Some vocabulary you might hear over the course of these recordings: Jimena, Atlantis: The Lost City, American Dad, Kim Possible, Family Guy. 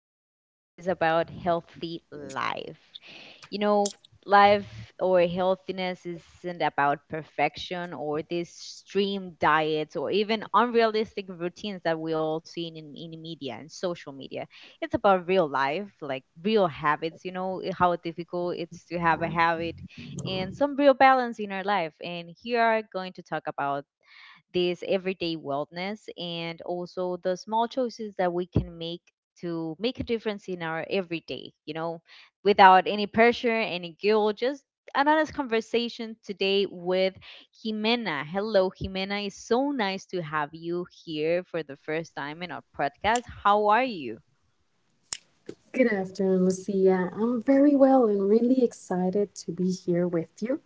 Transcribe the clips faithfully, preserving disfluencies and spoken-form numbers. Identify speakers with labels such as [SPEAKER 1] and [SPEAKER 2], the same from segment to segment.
[SPEAKER 1] This episode is about healthy life. You know, Life or healthiness isn't about perfection or these extreme diets or even unrealistic routines that we all see in, in in media and social media. It's about real life, like real habits, you know, eh, how difficult it's to have a habit and some real balance in our life. And here are going to talk about this everyday wellness and also the small choices that we can make to make a difference in our everyday, you know, without any pressure, any guilt, just an honest conversation today with Jimena. Hello, Jimena. It's so nice to have you here for the first time in our podcast. How are you?
[SPEAKER 2] Good afternoon, Lucia. I'm very well and really excited to be here with you.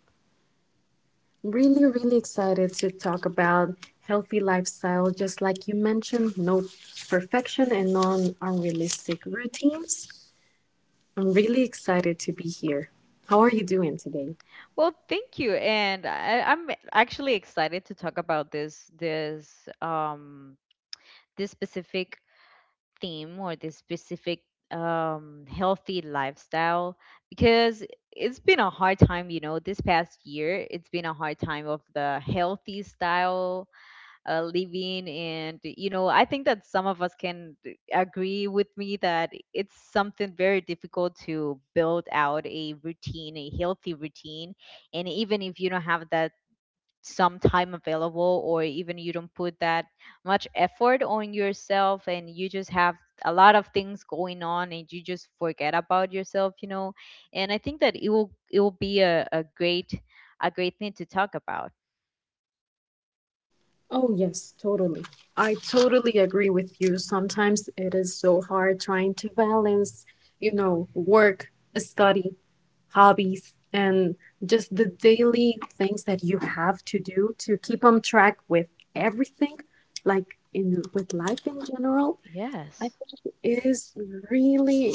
[SPEAKER 2] Really, really excited to talk about healthy lifestyle, just like you mentioned, no perfection and non unrealistic routines. I'm really excited to be here. How are you doing today?
[SPEAKER 1] Well, thank you, and I, I'm actually excited to talk about this this um this specific theme or this specific um, healthy lifestyle because it's been a hard time, you know, this past year. It's been a hard time of the healthy style uh, living. And, you know, I think that some of us can agree with me that it's something very difficult to build out a routine, a healthy routine. And even if you don't have that some time available or even you don't put that much effort on yourself and you just have a lot of things going on and you just forget about yourself you know and i think that it will it will be a, a great a great thing to talk about.
[SPEAKER 2] Oh, yes, totally. I totally agree with you. Sometimes it is so hard trying to balance, you know, work, study, hobbies, and just the daily things that you have to do to keep on track with everything, like in with life in general. I
[SPEAKER 1] Yes.
[SPEAKER 2] think it is really,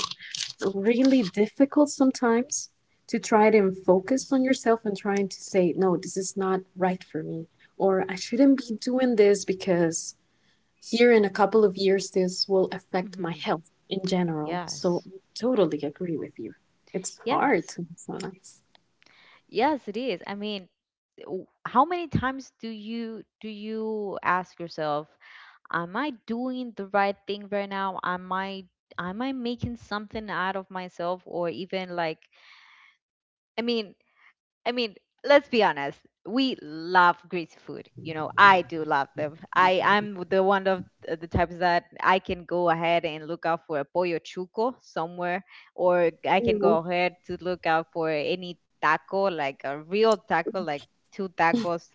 [SPEAKER 2] really difficult sometimes to try to focus on yourself and trying to say, no, this is not right for me, or I shouldn't be doing this because here in a couple of years this will affect my
[SPEAKER 1] Hmm.
[SPEAKER 2] health in general. So
[SPEAKER 1] Yes.
[SPEAKER 2] I totally agree with you. It's hard
[SPEAKER 1] Yes,
[SPEAKER 2] sometimes.
[SPEAKER 1] yes it is. I mean, w- how many times do you do you ask yourself, am I doing the right thing right now? Am I, am I making something out of myself or even like, I mean I mean, let's be honest. We love greasy food. You know, I do love them. I I'm the one of the types that I can go ahead and look out for a pollo chuco somewhere, or I can
[SPEAKER 2] Mm,
[SPEAKER 1] go ahead to look out for any taco, like a real taco, like two tacos,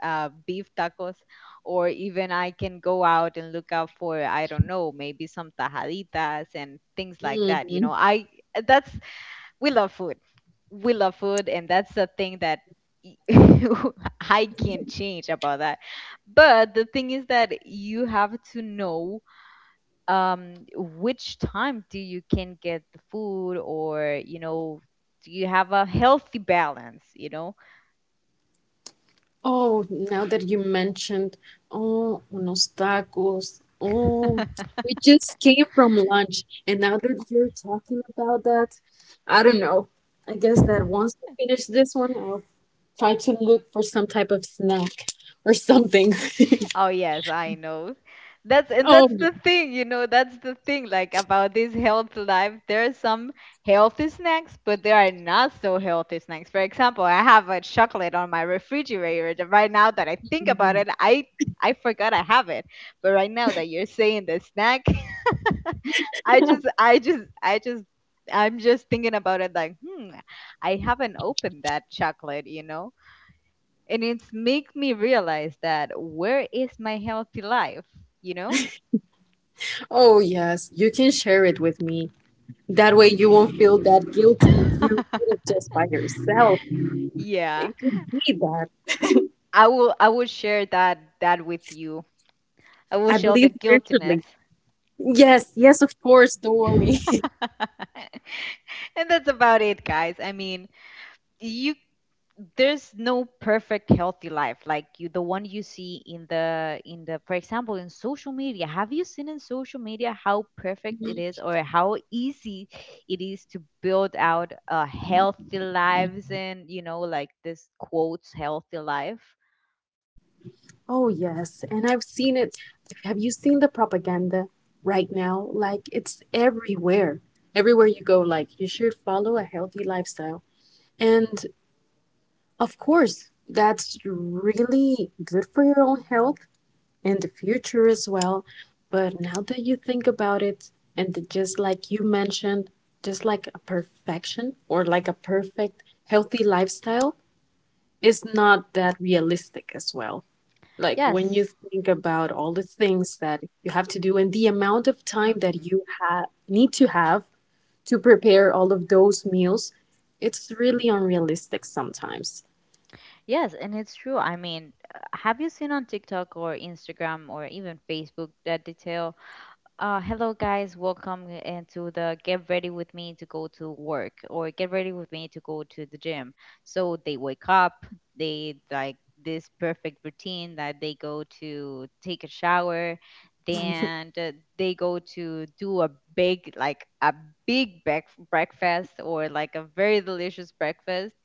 [SPEAKER 1] uh, beef tacos, or even I can go out and look out for I don't know, maybe some tajaditas and things like that. You know,
[SPEAKER 2] mm.
[SPEAKER 1] I that's we love food. We love food, and that's the thing that y- I can change about that. But the thing is that you have to know um, which time do you can get the food, or you know, do you have a healthy balance? You know.
[SPEAKER 2] Oh, now that you mentioned, oh, unos tacos. Oh, we just came from lunch, and now that you're talking about that, I don't know. I guess that once we finish this one, I'll try to look for some type of snack or something.
[SPEAKER 1] Oh yes, I know. That's and
[SPEAKER 2] Oh,
[SPEAKER 1] that's the thing, you know, that's the thing like about this health life. There are some healthy snacks, but there are not so healthy snacks. For example, I have a chocolate on my refrigerator. That Right now that I think about
[SPEAKER 2] mm.
[SPEAKER 1] it, I I forgot I have it. But right now that you're saying the snack, I just I just I just I'm just thinking about it like, hmm, I haven't opened that chocolate, you know? And it's make me realize that where is my healthy life, you know.
[SPEAKER 2] Oh yes, you can share it with me. That way you won't feel that guilty if you eat it just by yourself.
[SPEAKER 1] Yeah,
[SPEAKER 2] It could be that.
[SPEAKER 1] i will i will share that that with you. I will
[SPEAKER 2] At
[SPEAKER 1] share the
[SPEAKER 2] least visually.
[SPEAKER 1] guiltiness.
[SPEAKER 2] Yes, yes, of course, don't
[SPEAKER 1] And
[SPEAKER 2] worry.
[SPEAKER 1] that's about it guys. I mean, you there's no perfect healthy life like you the one you see in the in the for example in social media. Have you seen in social media how perfect it is or how easy it is to build out uh, healthy lives and you know like this quotes healthy life.
[SPEAKER 2] Oh, yes. And I've seen it. Have you seen the propaganda right now? Like, it's everywhere. Everywhere you go, like, you should follow a healthy lifestyle. And of course, that's really good for your own health and the future as well. But now that you think about it, and that just like you mentioned, just like a perfection or like a perfect healthy lifestyle, it's not that realistic as well. Like when you
[SPEAKER 1] Yes.
[SPEAKER 2] think about all the things that you have to do and the amount of time that
[SPEAKER 1] Hmm.
[SPEAKER 2] you have need to have to prepare all of those meals, it's really unrealistic sometimes.
[SPEAKER 1] Yes, and it's true. I mean, uh, have you seen on TikTok or Instagram or even Facebook that detail, Uh, hello, guys. Welcome into the get ready with me to go to work or get ready with me to go to the gym. So they wake up, they like this perfect routine that they go to take a shower, then uh, they go to do a big, like a big break- breakfast or like a very delicious breakfast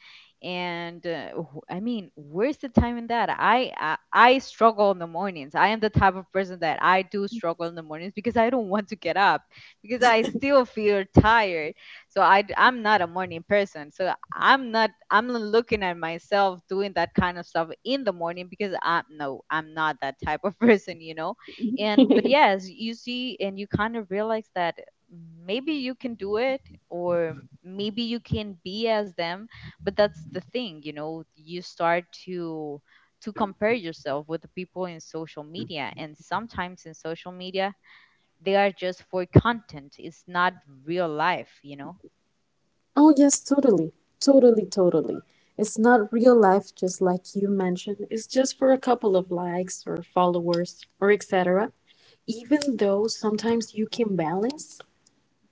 [SPEAKER 1] and uh, wh- I mean where's the time in that. I, I I struggle in the mornings. I am the type of person that I do struggle in the mornings because I don't want to get up because I still feel tired. So i d- I'm not a morning person, so i'm not i'm not looking at myself doing that kind of stuff in the morning because I, no, I'm not that type of person, you know. And but yes, you see and you kind of realize that maybe you can do it or maybe you can be as them. But that's the thing, you know, you start to to compare yourself with the people in social media, and sometimes in social media they are just for content. It's not real life, you know.
[SPEAKER 2] Oh yes, totally. Totally, totally. It's not real life just like you mentioned. It's just for a couple of likes or followers or et cetera. Even though sometimes you can balance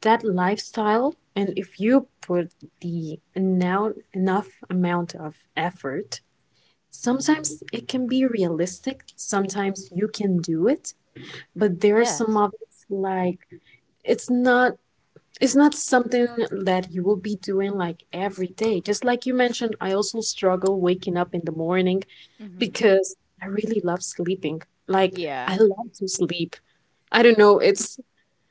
[SPEAKER 2] that lifestyle, and if you put the now enough amount of effort, sometimes it can be realistic. Sometimes you can do it, but there are some
[SPEAKER 1] Yes.
[SPEAKER 2] of it like it's not it's not something that you will be doing like every day. Just like you mentioned, I also struggle waking up in the morning
[SPEAKER 1] Hmm.
[SPEAKER 2] because I really love sleeping. Like, I
[SPEAKER 1] Yeah.
[SPEAKER 2] love to sleep. I don't know. It's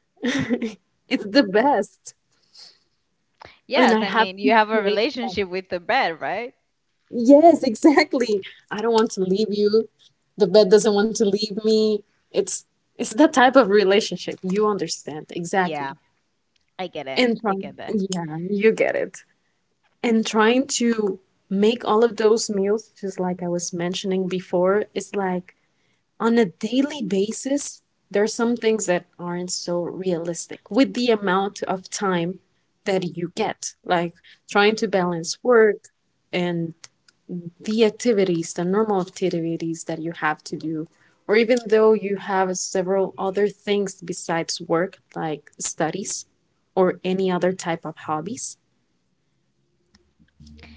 [SPEAKER 2] it's the best. And I
[SPEAKER 1] Yes, I
[SPEAKER 2] have
[SPEAKER 1] mean you
[SPEAKER 2] to
[SPEAKER 1] have a
[SPEAKER 2] play that.
[SPEAKER 1] relationship with the bed, right?
[SPEAKER 2] Yes, exactly. I don't want to leave you. The bed doesn't want to leave me. It's it's that type of relationship. You understand
[SPEAKER 1] Yeah,
[SPEAKER 2] exactly.
[SPEAKER 1] I get it,
[SPEAKER 2] And
[SPEAKER 1] I
[SPEAKER 2] trying,
[SPEAKER 1] get that.
[SPEAKER 2] yeah, you get it. And trying to make all of those meals, just like I was mentioning before, is like on a daily basis. There are some things that aren't so realistic with the amount of time that you get. Like trying to
[SPEAKER 1] Hmm.
[SPEAKER 2] balance work and the activities, the normal activities that you have to do, or even though you have several other things besides work, like studies or any other type of hobbies,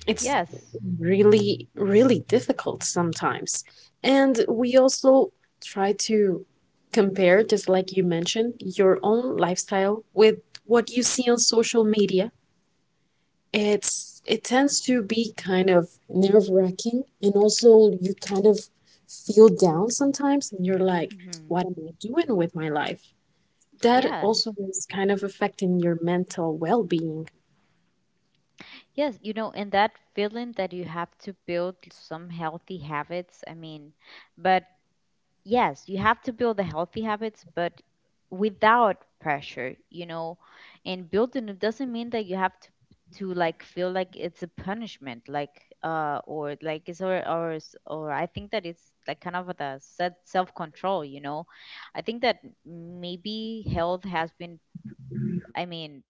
[SPEAKER 2] it's
[SPEAKER 1] Yes.
[SPEAKER 2] really, really difficult sometimes. And we also try to compare, just like you mentioned, your own lifestyle with what you see on social media. It's it tends to be kind of nerve wracking, and also you kind of feel down sometimes, and you're like,
[SPEAKER 1] Hmm.
[SPEAKER 2] "What am I doing with my life?" That
[SPEAKER 1] Yes.
[SPEAKER 2] also is kind of affecting your mental well being.
[SPEAKER 1] Yes, you know, and that feeling that you have to build some healthy habits. I mean, but yes, you have to build the healthy habits, but without pressure, you know. And building it doesn't mean that you have to to like feel like it's a punishment, like uh, or like it's or or s- or I think that it's like kind of the set self control, you know. I think that maybe health has been. I mean,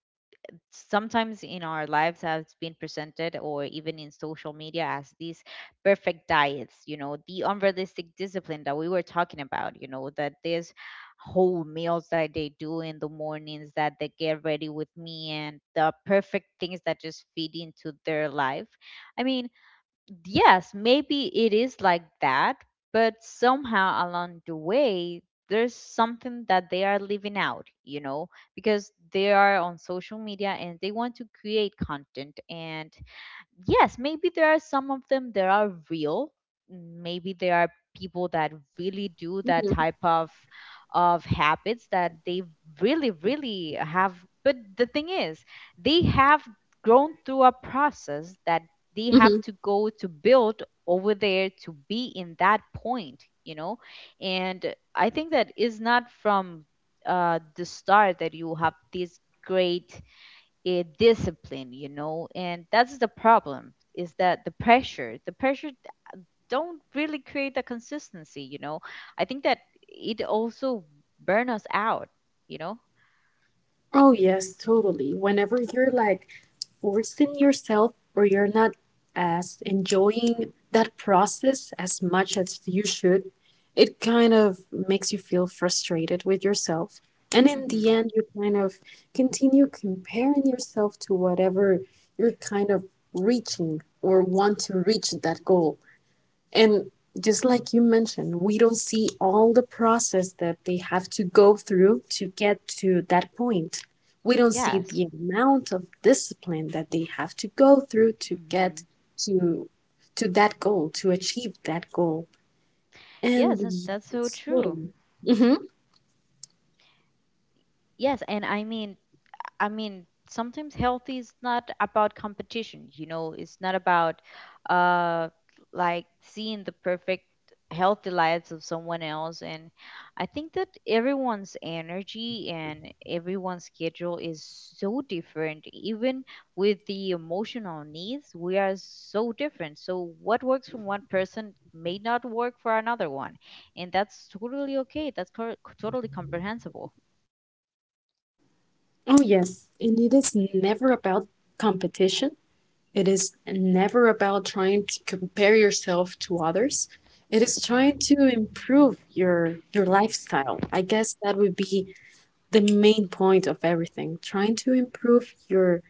[SPEAKER 1] sometimes in our lives has been presented or even in social media as these perfect diets, you know, the unrealistic discipline that we were talking about, you know, that there's whole meals that they do in the mornings that they get ready with me and the perfect things that just feed into their life. I mean, yes, maybe it is like that, but somehow along the way, there's something that they are leaving out, you know, because they are on social media and they want to create content and yes, maybe there are some of them that are real. Mm, maybe there are people that really do that type of of habits that they really, really have. But the thing is, they have grown through a process that they have
[SPEAKER 2] Hmm.
[SPEAKER 1] to go to build over there to be in that point, you know? And I think that is not from uh, the start that you have this great a discipline, you know, and that's the problem is that the pressure, the pressure d- don't really create the consistency, you know. I think that it also burn us out, you know.
[SPEAKER 2] Oh yes, totally. Whenever you're like forcing yourself or you're not as enjoying that process as much as you should, it kind of makes you feel frustrated with yourself. And in the
[SPEAKER 1] Mhm.
[SPEAKER 2] end, you kind of continue comparing yourself to whatever you're kind of reaching or want to reach that goal. And just like you mentioned, we don't see all the process that they have to go through to get to that point. We don't see
[SPEAKER 1] Yes.
[SPEAKER 2] the amount of discipline that they have to go through to get
[SPEAKER 1] Mhm.
[SPEAKER 2] to to that goal, to achieve that goal. And
[SPEAKER 1] Yes, and
[SPEAKER 2] y-
[SPEAKER 1] that's so
[SPEAKER 2] it's
[SPEAKER 1] true.
[SPEAKER 2] totally. Hmm.
[SPEAKER 1] Yes, and I mean I mean, sometimes health is not about competition, you know, it's not about uh like seeing the perfect healthy lives of someone else. And I think that everyone's energy and everyone's schedule is so different, even with the emotional needs we are so different, so what works for one person may not work for another one. And that's totally okay, that's cor- totally comprehensible.
[SPEAKER 2] Oh yes, and it is never about competition. It is never about trying to compare yourself to others. It is trying to improve your your lifestyle. I guess that would be the main point of everything. Trying to improve your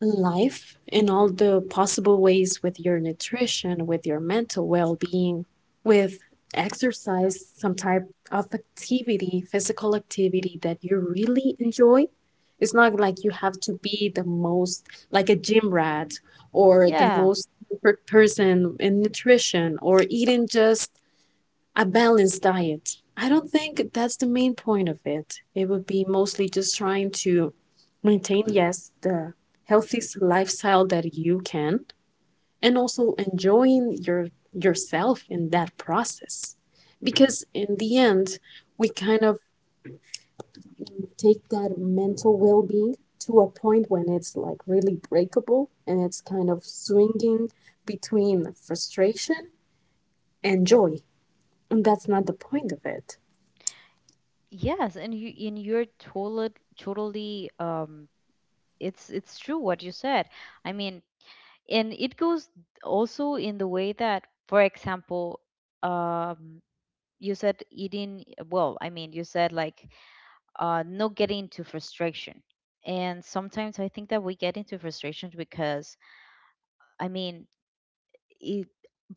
[SPEAKER 2] life in all the possible ways with your nutrition, with your mental well being, with exercise, some type of activity, physical activity that you really enjoy. It's not like you have to be the most, like a gym rat or the
[SPEAKER 1] Yeah.
[SPEAKER 2] most perfect person in nutrition or eating just a balanced diet. I don't think that's the main point of it. It would be mostly just trying to maintain, yes, the healthiest lifestyle that you can, and also enjoying your yourself in that process. Because in the end, we kind of take that mental well-being to a point when it's like really breakable and it's kind of swinging between frustration and joy. And that's not the point of it.
[SPEAKER 1] Yes, and you in your are totally totally um it's it's true what you said. I mean, and it goes also in the way that, for example, um you said eating well, I mean, you said like uh not getting into frustration. And sometimes I think that we get into frustrations because I mean, it,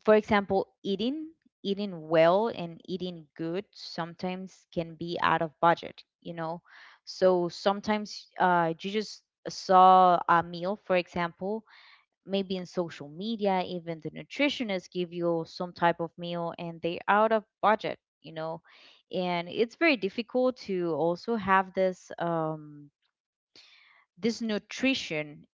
[SPEAKER 1] for example, eating eating well and eating good sometimes can be out of budget, you know. So sometimes uh, you just saw a meal, for example, maybe in social media, even the nutritionists give you some type of meal and they're out of budget, you know. And it's very difficult to also have this um, this nutrition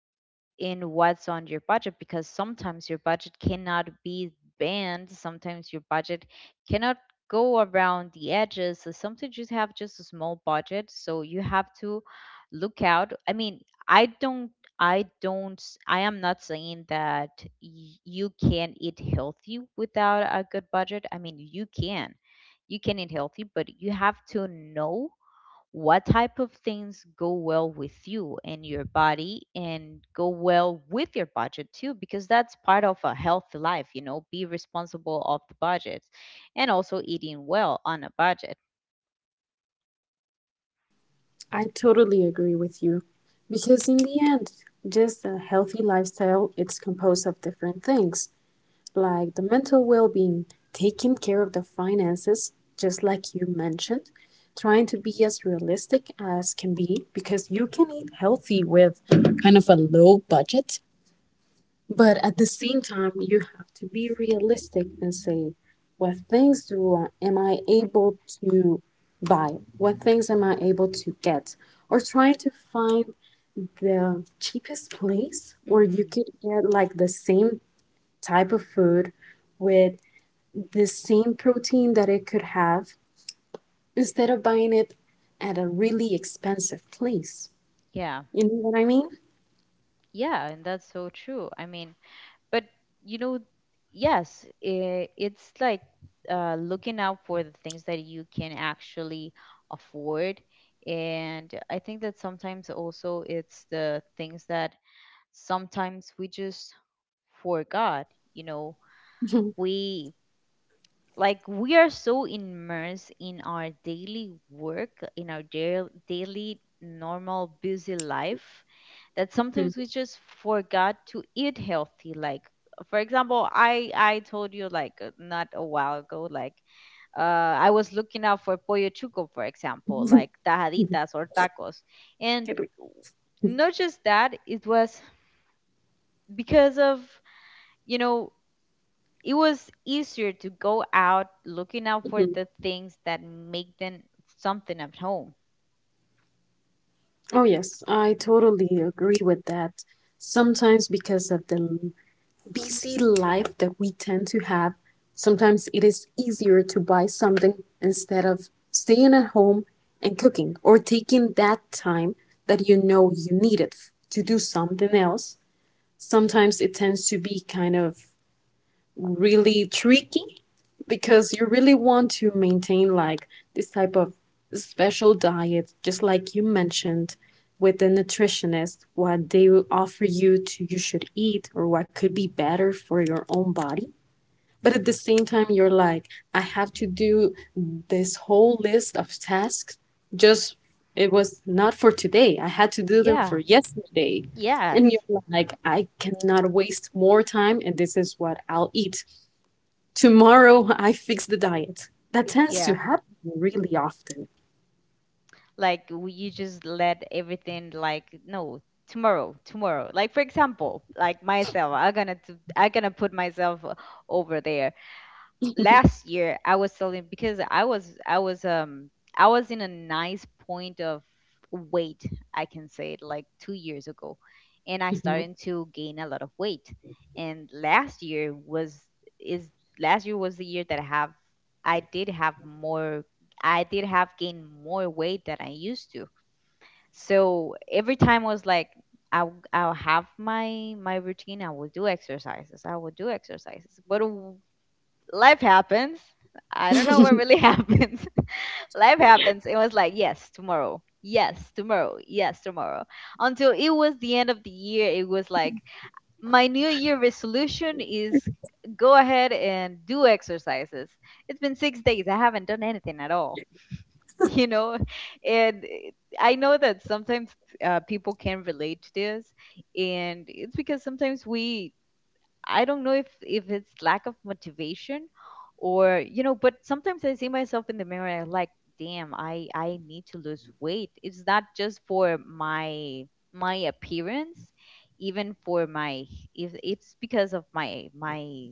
[SPEAKER 1] in what's on your budget, because sometimes your budget cannot be banned. Sometimes your budget cannot go around the edges, so sometimes you have just a small budget, so you have to look out. I mean i don't i don't I am not saying that y- you can eat healthy without a good budget. I mean, you can, you can eat healthy, but you have to know what type of things go well with you and your body and go well with your budget too, because that's part of a healthy life, you know. Be responsible of the budget and also eating well on a budget.
[SPEAKER 2] I totally agree with you. Because in the end, just a healthy lifestyle, it's composed of different things, like the mental well-being, taking care of the finances, just like you mentioned, trying to be as realistic as can be, because you can eat healthy with kind of a low budget, but at the same time, you have to be realistic and say, what things do I, am I able to buy? What things am I able to get? Or trying to find the cheapest place where you
[SPEAKER 1] Hmm.
[SPEAKER 2] could get like the same type of food with the same protein that it could have instead of buying it at a really expensive place.
[SPEAKER 1] Yeah.
[SPEAKER 2] You know what I mean?
[SPEAKER 1] Yeah, and that's so true. I mean, but you know yes, I it's like, uh, looking out for the things that you can actually afford. And I think that sometimes also it's the things that sometimes we just forgot, you know we, like, we are so immersed in our daily work, in our da- daily normal busy life that sometimes we just forgot to eat healthy. Like, for example, i i told you, like, uh, not a while ago, like, uh I was looking out for pollo chuco, for example, like tajaditas or tacos. And not just that, it was because of, you know, it was easier to go out looking out for the things that make them something at home.
[SPEAKER 2] Oh, yes, I totally agree with that. Sometimes, because of the l- busy life that we tend to have, sometimes it is easier to buy something instead of staying at home and cooking or taking that time that you know you need it f- to do something else. Sometimes it tends to be kind of really tricky because you really want to maintain like this type of special diet, just like you mentioned with the nutritionist, what they will offer you to you should eat or what could be better for your own body. But at the same time, you're like, I have to do this whole list of tasks. Just it was not for today. I had to do them for
[SPEAKER 1] Yeah.
[SPEAKER 2] yesterday. And
[SPEAKER 1] Yes.
[SPEAKER 2] you're like, I cannot waste more time, and this is what I'll eat. Tomorrow I fix the diet. That tends to
[SPEAKER 1] Yeah.
[SPEAKER 2] happen really often.
[SPEAKER 1] Like, w- you just let everything like, no, tomorrow, tomorrow. Like, for example, like myself, I'm gonna do, I'm gonna put myself o- over there. Last year I was selling because I was, I was um I was in a nice point of weight, I can say it, like two years ago, and I
[SPEAKER 2] Mhm.
[SPEAKER 1] started to gain a lot of weight. And last year was, is, last year was the year that I have, I did have more, I did have gained more weight than I used to. So every time I was like, I'll, I'll have my my routine. I will do exercises. I will do exercises. But w- life happens. I don't know what really happens. Life happens. It was like, yes, tomorrow. Yes, tomorrow. Yes, tomorrow. Until it was the end of the year, it was like, my new year resolution is go ahead and do exercises. It's been six days. I haven't done anything at all. You know, and it- I know that sometimes uh, people can relate to this, and it's because sometimes we, I don't know if if it's lack of motivation or, you know, but sometimes I see myself in the mirror and I'm like, damn, I I need to lose weight. It's not just for my my appearance, even for my, if it's because of my my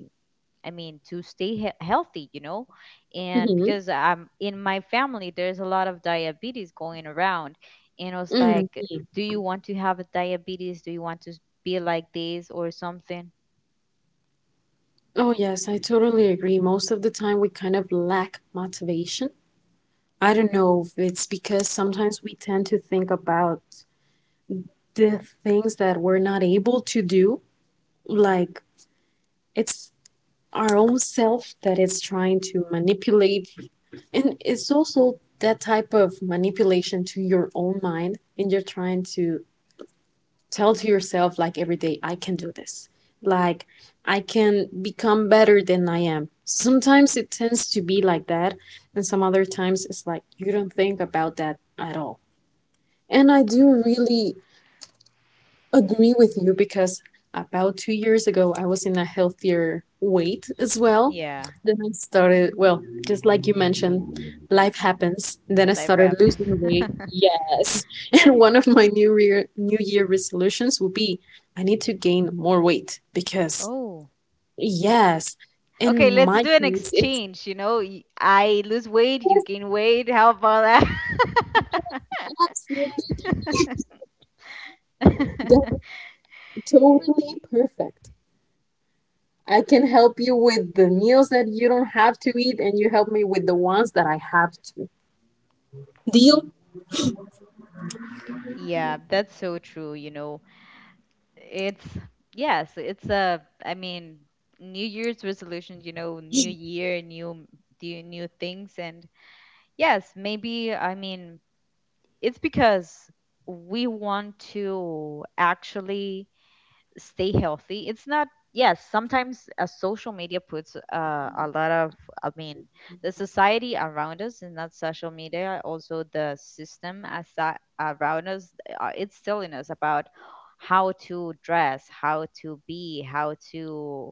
[SPEAKER 1] I mean, to stay he- healthy, you know. And
[SPEAKER 2] Mhm.
[SPEAKER 1] because I'm in my family, there's a lot of diabetes going around, and I was
[SPEAKER 2] Mhm.
[SPEAKER 1] like, do you want to have a diabetes? Do you want to be like this or something?
[SPEAKER 2] Oh, yes, I totally agree. Most of the time, we kind of lack motivation. I don't know if it's because sometimes we tend to think about the things that we're not able to do. Like, it's our own self that is trying to manipulate. And it's also that type of manipulation to your own mind. And you're trying to tell to yourself, like, every day I can do this. Like, I can become better than I am. Sometimes it tends to be like that, and some other times it's like you don't think about that at all. And I do really agree with you because about two years ago I was in a healthier weight as well. Then I started, well, just like you mentioned, life happens. Then I
[SPEAKER 1] Life
[SPEAKER 2] started
[SPEAKER 1] happens.
[SPEAKER 2] losing weight. Yes. And one of my new year new year resolutions will be I need to gain more weight because
[SPEAKER 1] Oh.
[SPEAKER 2] yes, in
[SPEAKER 1] Okay, let's
[SPEAKER 2] my
[SPEAKER 1] do an
[SPEAKER 2] case it's
[SPEAKER 1] exchange. You know, y- I lose weight, you
[SPEAKER 2] yes,
[SPEAKER 1] gain weight. How about that?
[SPEAKER 2] absolutely that's totally perfect. I can help you with the meals that you don't have to eat, and you help me with the ones that I have to. Deal?
[SPEAKER 1] Yeah, that's so true. You know, it's, yes, it's a, I mean, New Year's resolution, you know, new year, new, new, new things. And yes, maybe, I mean, it's because we want to actually stay healthy. It's not, yes, sometimes uh, social media puts uh, a lot of, I mean, the society around us, and not social media, also the system as around us, uh, it's telling us about how to dress, how to be, how to,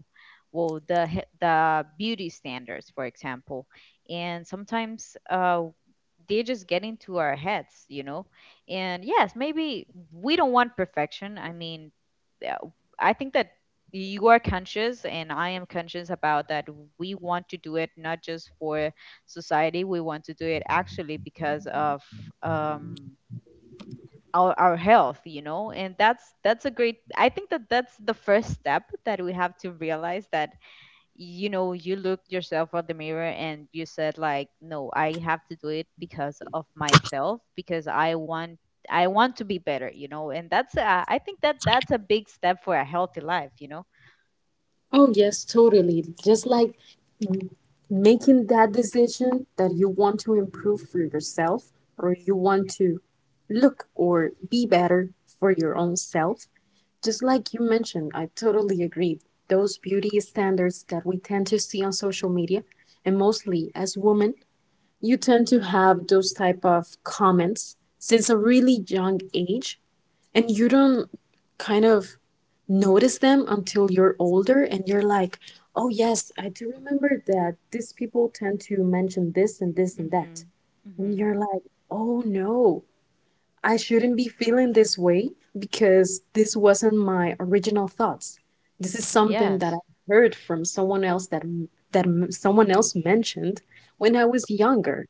[SPEAKER 1] well, the he- the beauty standards, for example. And sometimes uh they just get into our heads, you know. And yes, maybe we don't want perfection, I mean, yeah, I think that you are conscious and I am conscious about that. We want to do it not just for society, we want to do it actually because of um our, our health, you know. And that's that's a great. I think that that's the first step that we have to realize, that, you know, you look yourself on the mirror and you said like, no, I have to do it because of myself, because I want, I want to be better, you know. And that's a, I think that that's a big step for a healthy life, you know.
[SPEAKER 2] Oh, yes, totally. Just like m- making that decision that you want to improve for yourself, or you want to look or be better for your own self. Just like you mentioned, I totally agree. Those beauty standards that we tend to see on social media, and mostly as women, you tend to have those type of comments since a really young age, and you don't kind of notice them until you're older, and you're like, oh yes, I do remember that these people tend to mention this and this and
[SPEAKER 1] Mm-hmm.
[SPEAKER 2] that. And
[SPEAKER 1] Mm-hmm.
[SPEAKER 2] you're like, oh no, I shouldn't be feeling this way because this wasn't my original thoughts. This is something that I
[SPEAKER 1] Yes.
[SPEAKER 2] heard from someone else that that m- someone else mentioned when I was younger.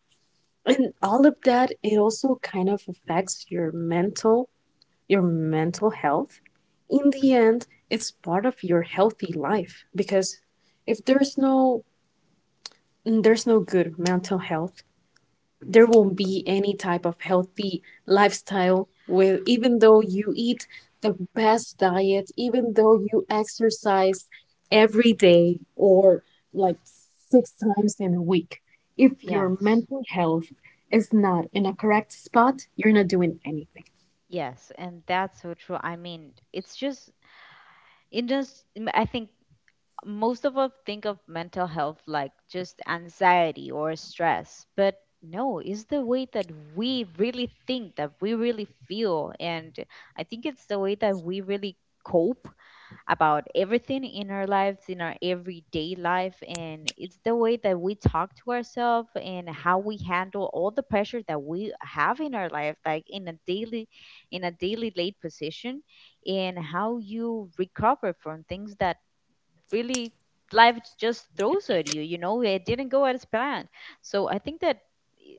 [SPEAKER 2] And all of that, it also kind of affects your mental, your mental health. In the end, it's part of your healthy life because if there's no there's no good mental health, there won't be any type of healthy lifestyle where even though you eat the best diet, even though you exercise every day or like six times in a week, if your
[SPEAKER 1] Yes.
[SPEAKER 2] mental health is not in a correct spot, you're not doing anything.
[SPEAKER 1] Yes. And that's so true. I mean, it's just, it just m- I think most of us think of mental health like just anxiety or stress, but no, it's the way that we really think, that we really feel. And I think it's the way that we really cope about everything in our lives, in our everyday life. And it's the way that we talk to ourselves and how we handle all the pressure that we have in our life, like in a daily, in a daily late position, and how you recover from things that really life just throws at you. You know, it didn't go as planned. So I think that, i-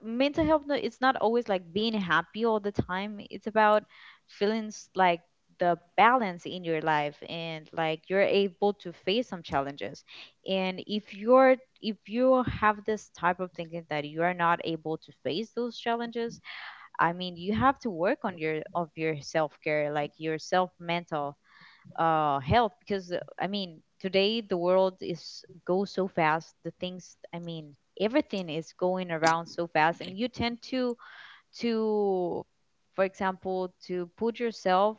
[SPEAKER 1] mental health, no- it's not always like being happy all the time. It's about feelings, like the balance in your life, and like you're able to face some challenges. And if you're, if you have this type of thinking that you are not able to face those challenges, I mean, you have to work on your, of your self-care, like your self mental uh health. Because uh, I mean, today the world is, goes so fast, the things, I mean, everything is going around so fast, and you tend to to for example, to put yourself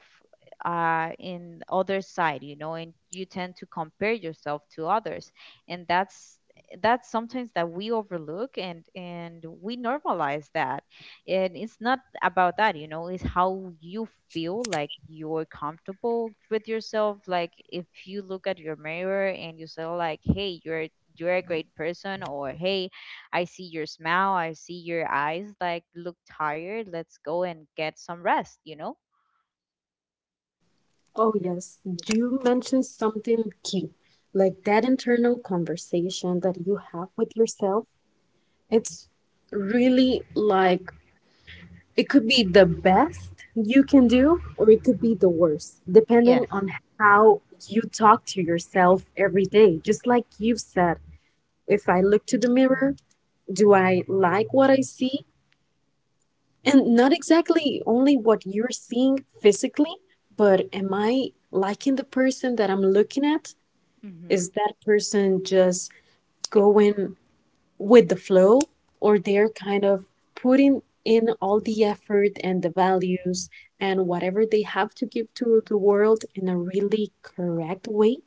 [SPEAKER 1] uh, in other side, you know, and you tend to compare yourself to others. And that's that's sometimes that we overlook, and and we normalize that. And it's not about that, you know. It's how you feel, like you're comfortable with yourself, like if you look at your mirror and you say like, hey, you're you're a great person, or hey, I see your smile, I see your eyes like look tired. Let's go and get some rest, you know?
[SPEAKER 2] Oh, yes, you mentioned something key like that internal conversation that you have with yourself. It's really like it could be the best you can do, or it could be the worst, depending
[SPEAKER 1] Yes.
[SPEAKER 2] on how you talk to yourself every day. Just like you've said, if I look to the mirror, do I like what I see? And not exactly only what you're seeing physically, but am I liking the person that I'm looking at?
[SPEAKER 1] Mm-hmm.
[SPEAKER 2] Is that person just going with the flow, or they're kind of putting in all the effort and the values and whatever they have to give to the world in a really correct way?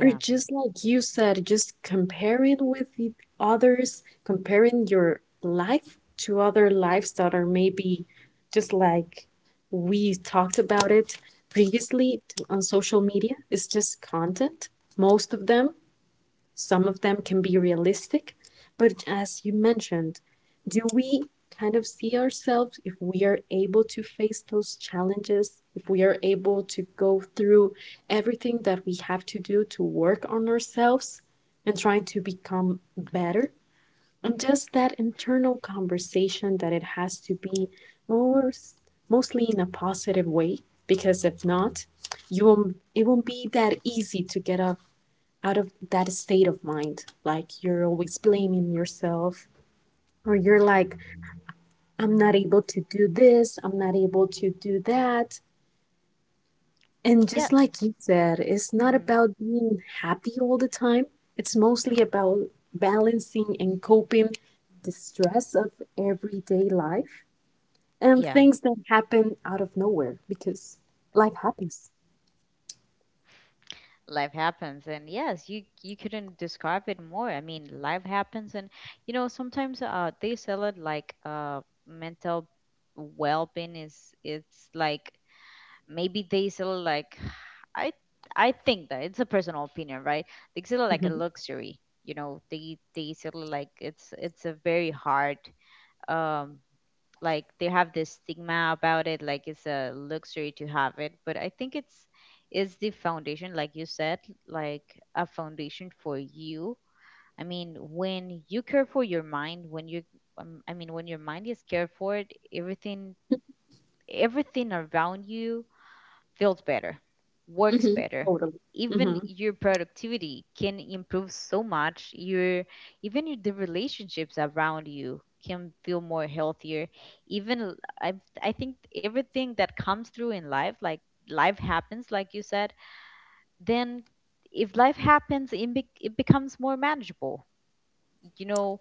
[SPEAKER 2] Or just like you said, just comparing with the others, comparing your life to other lives that are maybe just like, we talked about it previously, on social media it's just content. Most of them, some of them can be realistic, but as you mentioned, do we kind of see ourselves if we are able to face those challenges, if we are able to go through everything that we have to do to work on ourselves and trying to become better? And just that internal conversation that it has to be more mostly in a positive way, because if not, you won't, it won't be that easy to get up out of that state of mind. Like you're always blaming yourself, or you're like, I'm not able to do this, I'm not able to do that. And just like
[SPEAKER 1] Yes.
[SPEAKER 2] you said, it's not
[SPEAKER 1] Mm-hmm.
[SPEAKER 2] about being happy all the time, it's mostly about balancing and coping the stress of everyday life and
[SPEAKER 1] Yeah.
[SPEAKER 2] things that happen out of nowhere because life happens.
[SPEAKER 1] Life happens, and yes, you you couldn't describe it more. I mean, life happens. And you know, sometimes uh they sell it like, uh mental well-being is, it's like, maybe they sell it like, I I think that it's a personal opinion, right? They consider like a
[SPEAKER 2] Hmm.
[SPEAKER 1] luxury, you know. They they consider like it's it's a very hard um like they have this stigma about it, like it's a luxury to have it. But I think it's, is the foundation, like you said, like a foundation for you. I mean, when you care for your mind, when you um, I mean, when your mind is cared for, it, everything, everything around you feels better, works
[SPEAKER 2] Hmm.
[SPEAKER 1] better.
[SPEAKER 2] Totally. Hmm.
[SPEAKER 1] Even your productivity can improve so much. Your, even your, the relationships around you can feel more healthier. Even l- I I think everything that comes through in life, like life happens, like you said, then, if life happens, it, be, it becomes more manageable. You know,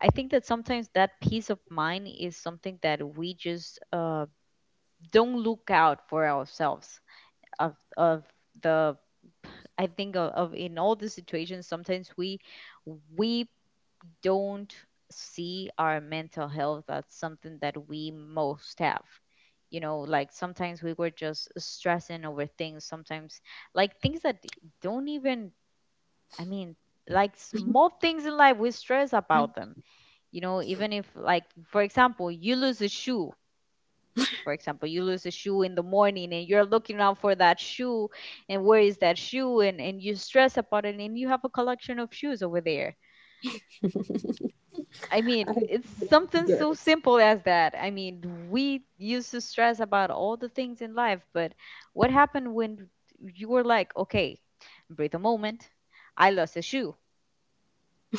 [SPEAKER 1] I think that sometimes that peace of mind is something that we just uh, don't look out for ourselves, of of the, I think of, of in all the situations, sometimes we we don't see our mental health as something that we most have. You know, like sometimes we were just stressing over things, sometimes like things that don't even, I mean, like small things in life we stress about them. You know, even if, like, for example, you lose a shoe, for example, you lose a shoe in the morning and you're looking out for that shoe, and where is that shoe, and, and you stress about it, and you have a collection of shoes over there. I mean,
[SPEAKER 2] I totally
[SPEAKER 1] it's something
[SPEAKER 2] get
[SPEAKER 1] so simple as that. I mean, we used to stress about all the things in life. But what happened when you were like, okay, breathe a moment, I lost a shoe,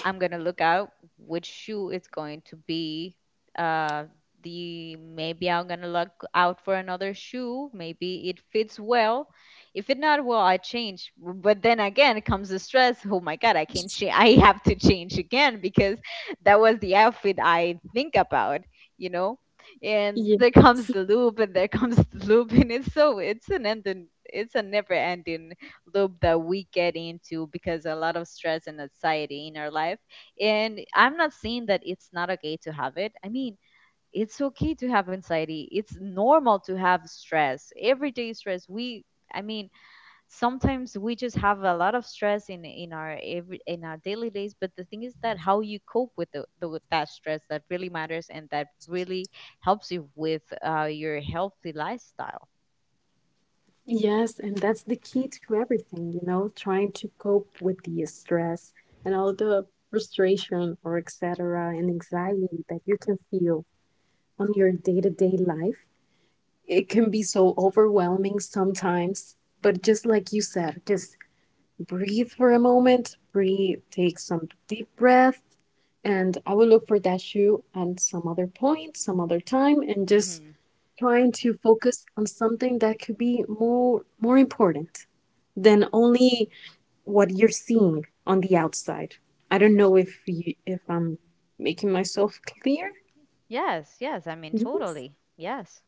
[SPEAKER 1] I'm gonna look out which shoe it's going to be. Uh, the, maybe I'm gonna look out for another shoe. Maybe it fits well. If it not well, I change. But then again, comes the stress. Oh my god, I can't change. I have to change again because that was the outfit I think about. You know, and
[SPEAKER 2] it.
[SPEAKER 1] there comes the loop, and there comes the loop, and it's so it's an end. It's a never ending loop that we get into because a lot of stress and anxiety in our life. And I'm not saying that it's not okay to have it. I mean, it's okay to have anxiety. It's normal to have stress. Everyday stress. We, I mean, sometimes we just have a lot of stress in in our every, in our daily days. But the thing is that how you cope with the, the with that stress, that really matters, and that really helps you with uh, your healthy lifestyle.
[SPEAKER 2] Yes, and that's the key to everything, you know, trying to cope with the stress and all the frustration or et cetera and anxiety that you can feel on your day-to-day life. It can be so overwhelming sometimes, but just like you said, just breathe for a moment, breathe, take some deep breath, and I will look for that shoe at some other point, some other time, and just
[SPEAKER 1] Hmm.
[SPEAKER 2] trying to focus on something that could be more more important than only what you're seeing on the outside. I don't know if you, if I'm making myself clear.
[SPEAKER 1] Yes, yes. I mean,
[SPEAKER 2] Yes.
[SPEAKER 1] totally. Yes.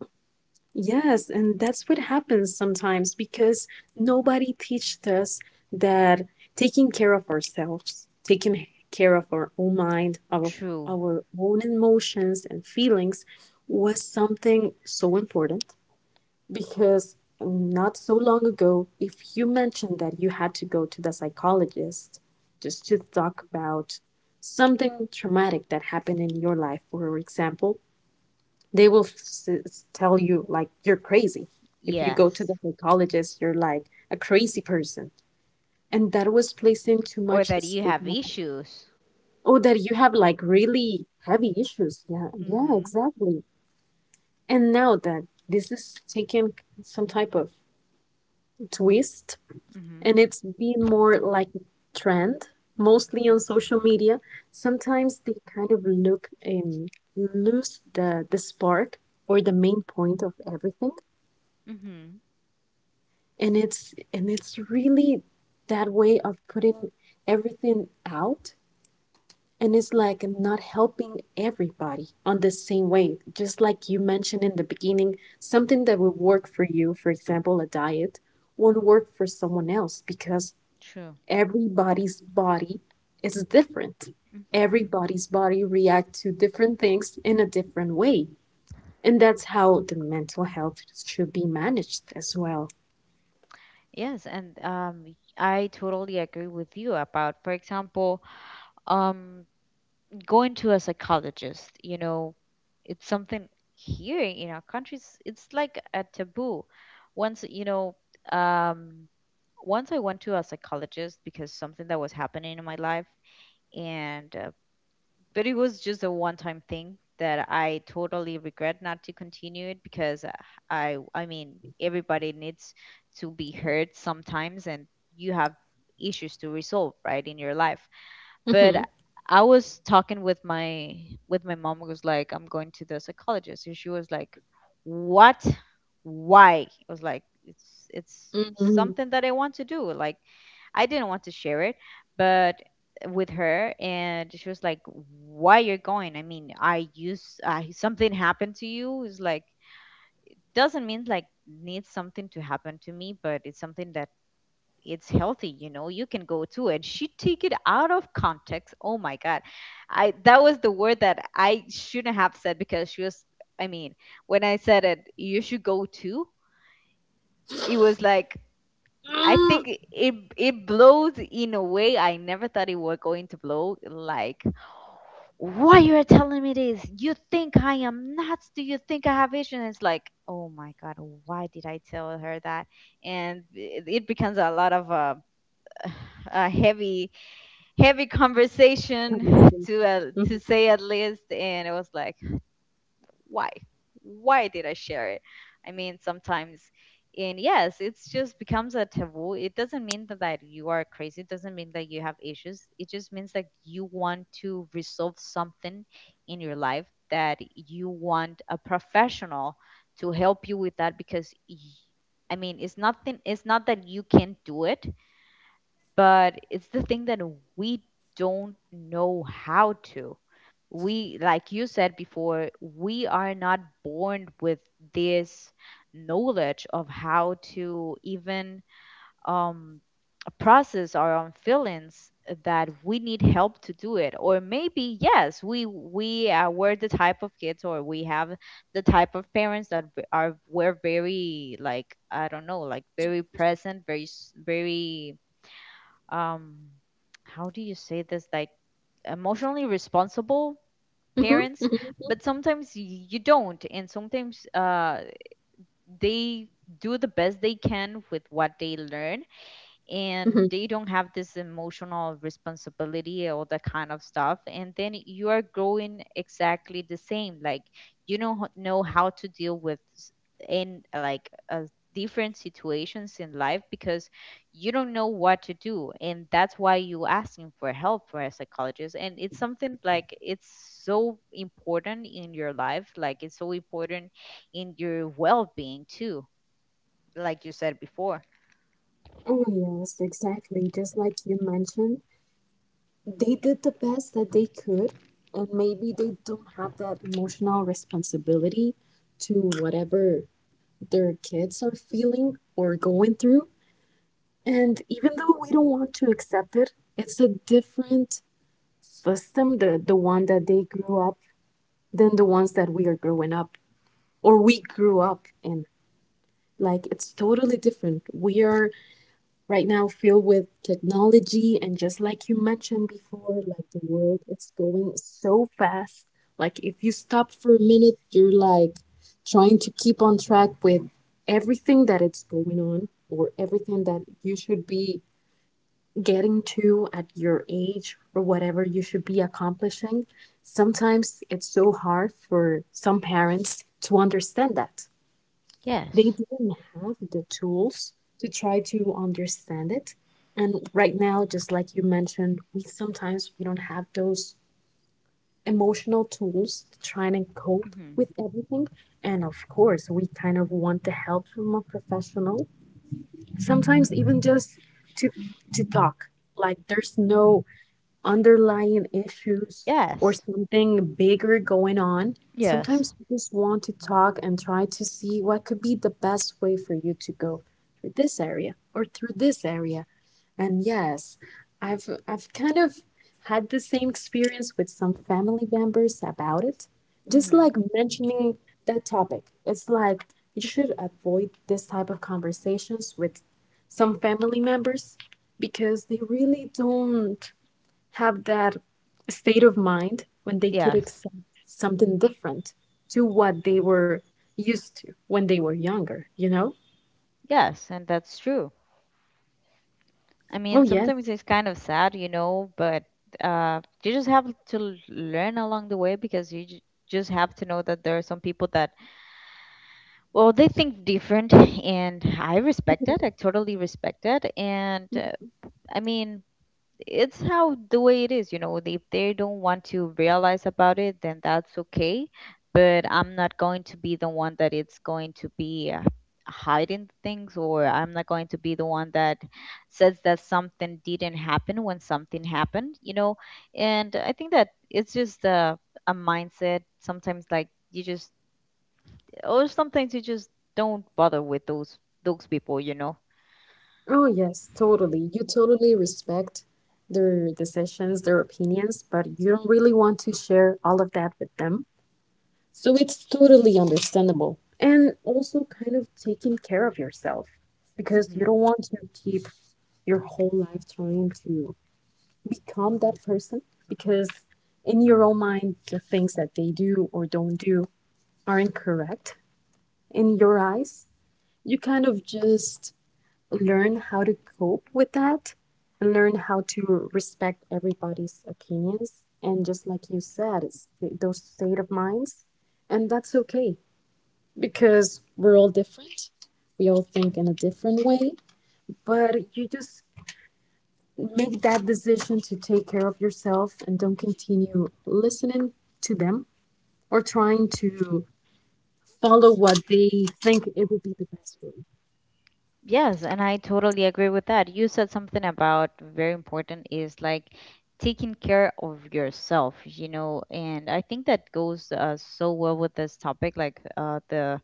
[SPEAKER 2] Yes, and that's what happens sometimes because nobody teaches us that taking care of ourselves, taking care of our own mind, of
[SPEAKER 1] True.
[SPEAKER 2] our own emotions and feelings was something so important. Because not so long ago, if you mentioned that you had to go to the psychologist just to talk about something traumatic that happened in your life, for example, they will s- s- tell you, like, you're crazy. If you go to
[SPEAKER 1] Yes.
[SPEAKER 2] the psychologist, you're like a crazy person. And that was placing too
[SPEAKER 1] Or
[SPEAKER 2] much
[SPEAKER 1] that you have
[SPEAKER 2] stigma.
[SPEAKER 1] issues.
[SPEAKER 2] Oh, that you have like really heavy issues. Yeah, yeah,
[SPEAKER 1] Mhm.
[SPEAKER 2] exactly. And now that this is taking some type of twist
[SPEAKER 1] Mhm.
[SPEAKER 2] and it's been more like a trend, mostly on social media. Sometimes they kind of look um, lose the the spark or the main point of everything,
[SPEAKER 1] Mhm.
[SPEAKER 2] and it's and it's really that way of putting everything out, and it's like not helping everybody on the same way. Just like you mentioned in the beginning, something that will work for you, for example, a diet, won't work for someone else because
[SPEAKER 1] True.
[SPEAKER 2] everybody's body is different.
[SPEAKER 1] Mhm.
[SPEAKER 2] Everybody's body reacts to different things in a different way. And that's how the mental health should be managed as well.
[SPEAKER 1] Yes, and um, I totally agree with you about, for example, um, going to a psychologist. You know, it's something here in our countries. It's like a taboo. Once you know, um, once I went to a psychologist because something that was happening in my life, and uh, but it was just a one time thing that I totally regret not to continue it because uh, I I mean everybody needs to be heard sometimes and you have issues to resolve, right, in your life. But
[SPEAKER 2] Mm-hmm.
[SPEAKER 1] I was talking with my with my mom who was like, I'm going to the psychologist. And she was like, what, why? I was like, it's it's
[SPEAKER 2] Mhm.
[SPEAKER 1] something that I want to do. Like, I didn't want to share it but with her. And she was like, why you're going? I mean, I use uh, something happened to you, is like doesn't mean like needs something to happen to me, but it's something that, it's healthy, you know. You can go too. And she take it out of context. Oh my God, I, that was the word that I shouldn't have said, because she was, I mean, when I said it you should go too, it was like, I
[SPEAKER 2] Mm-hmm. Mm.
[SPEAKER 1] think it it blows in a way I never thought it was going to blow. Like, why you are telling me this? You think I am nuts? Do you think I have issues? And it's like, oh my God, why did I tell her that? And it, it becomes a lot of uh, a heavy heavy conversation
[SPEAKER 2] Honestly.
[SPEAKER 1] to uh,
[SPEAKER 2] Mhm.
[SPEAKER 1] to say at least. And it was like, why why did I share it? I mean, sometimes. And yes, it's just becomes a taboo. It doesn't mean that, that you are crazy, it doesn't mean that you have issues, it just means that you want to resolve something in your life, that you want a professional to help you with that. Because y- I mean it's nothing, it's not that you can do it, but it's the thing that we don't know how to, we, like you said before, we are not born with this knowledge of how to even um, process our own feelings, that we need help to do it. Or maybe yes, we we uh, were the type of kids, or we have the type of parents that v- are were very like, I don't know, like very present, very s- very um how do you say this, like emotionally responsible
[SPEAKER 2] Mm-hmm.
[SPEAKER 1] parents.
[SPEAKER 2] Mm-hmm.
[SPEAKER 1] But sometimes y- you don't, and sometimes uh they do the best they can with what they learn, and
[SPEAKER 2] Mm-hmm.
[SPEAKER 1] they don't have this emotional responsibility or that kind of stuff, and then you are growing exactly the same. Like, you don't h- know how to deal with s- in like uh, different situations in life, because you don't know what to do. And that's why you asking for help for a psychologist. And it's something like, it's so important in your life, like it's so important in your well-being too, like you said before.
[SPEAKER 2] Oh, yes, exactly. Just like you mentioned, they did the best that they could, and maybe they don't have that emotional responsibility to whatever their kids are feeling or going through. And even though we don't want to accept it, it's a different system, the, the one that they grew up, than the ones that we are growing up or we grew up in. Like, it's totally different. We are right now filled with technology, and just like you mentioned before, like the world is going so fast, like if you stop for a minute you're like trying to keep on track with everything that it's going on or everything that you should be getting to at your age or whatever you should be accomplishing. Sometimes it's so hard for some parents to understand that they
[SPEAKER 1] Yes.
[SPEAKER 2] didn't have the tools to try to understand it. And right now, just like you mentioned, we sometimes we don't have those emotional tools to try and cope
[SPEAKER 1] Mhm.
[SPEAKER 2] with everything. And of course, we kind of want the help from a professional. Sometimes even just to to talk. Like there's no underlying issues or
[SPEAKER 1] Yes.
[SPEAKER 2] something bigger going on,
[SPEAKER 1] Yes.
[SPEAKER 2] sometimes you just want to talk and try to see what could be the best way for you to go through this area or through this area. And yes, I've I've kind of had the same experience with some family members about it. Just
[SPEAKER 1] Mm-hmm.
[SPEAKER 2] like mentioning that topic. It's like you should avoid this type of conversations with some family members because they really don't have that state of mind when they could
[SPEAKER 1] Yes.
[SPEAKER 2] accept something different to what they were used to when they were younger, you know?
[SPEAKER 1] Yes, and that's true. I
[SPEAKER 2] Oh,
[SPEAKER 1] mean,
[SPEAKER 2] yes.
[SPEAKER 1] sometimes it's kind of sad, you know, but uh, you just have to l- learn along the way, because you j- just have to know that there are some people that, well, they think different, and I respect it. I totally respect it. And uh, I mean, it's how the way it is, you know. If they don't want to realize about it, then that's okay. But I'm not going to be the one that it's going to be uh, hiding things, or I'm not going to be the one that says that something didn't happen when something happened, you know. And I think that it's just a, a mindset sometimes, like you just, or sometimes you just don't bother with those those people, you know.
[SPEAKER 2] Oh, yes, totally. You totally respect their decisions, their opinions, but you don't really want to share all of that with them. So it's totally understandable. And also kind of taking care of yourself, because you don't want to keep your whole life trying to become that person, because in your own mind the things that they do or don't do not do are incorrect. In your eyes, you kind of just learn how to cope with that and learn how to respect everybody's opinions. And just like you said, it's th- those state of minds, and that's okay because we're all different, we all think in a different way, but you just make that decision to take care of yourself and don't continue listening to them or trying to follow what they think it would be the best way.
[SPEAKER 1] Yes, and I totally agree with that. You said something about very important is like taking care of yourself, you know, and I think that goes uh, so well with this topic, like uh, the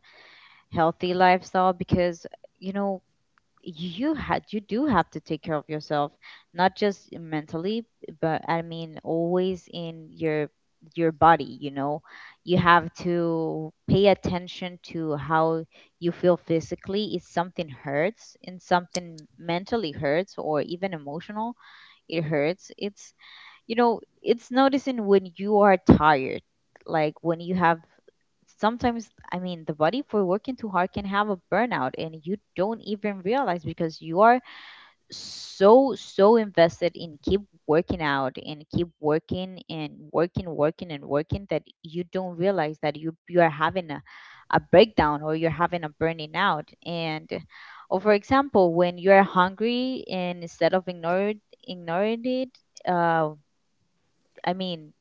[SPEAKER 1] healthy lifestyle, because, you know, you had you do have to take care of yourself, not just mentally, but I mean always in your your body, you know. You have to pay attention to how you feel physically. If something hurts and something mentally hurts, or even emotional it hurts, it's, you know, it's noticing when you are tired. Like when you have sometimes, I mean, the body for working too hard can have a burnout, and you don't even realize, because you are so so invested in keep working out and keep working and working working and working, that you don't realize that you you are having a, a breakdown, or you're having a burning out. And or for example, when you're hungry and instead of ignore ignoring it, uh, I mean,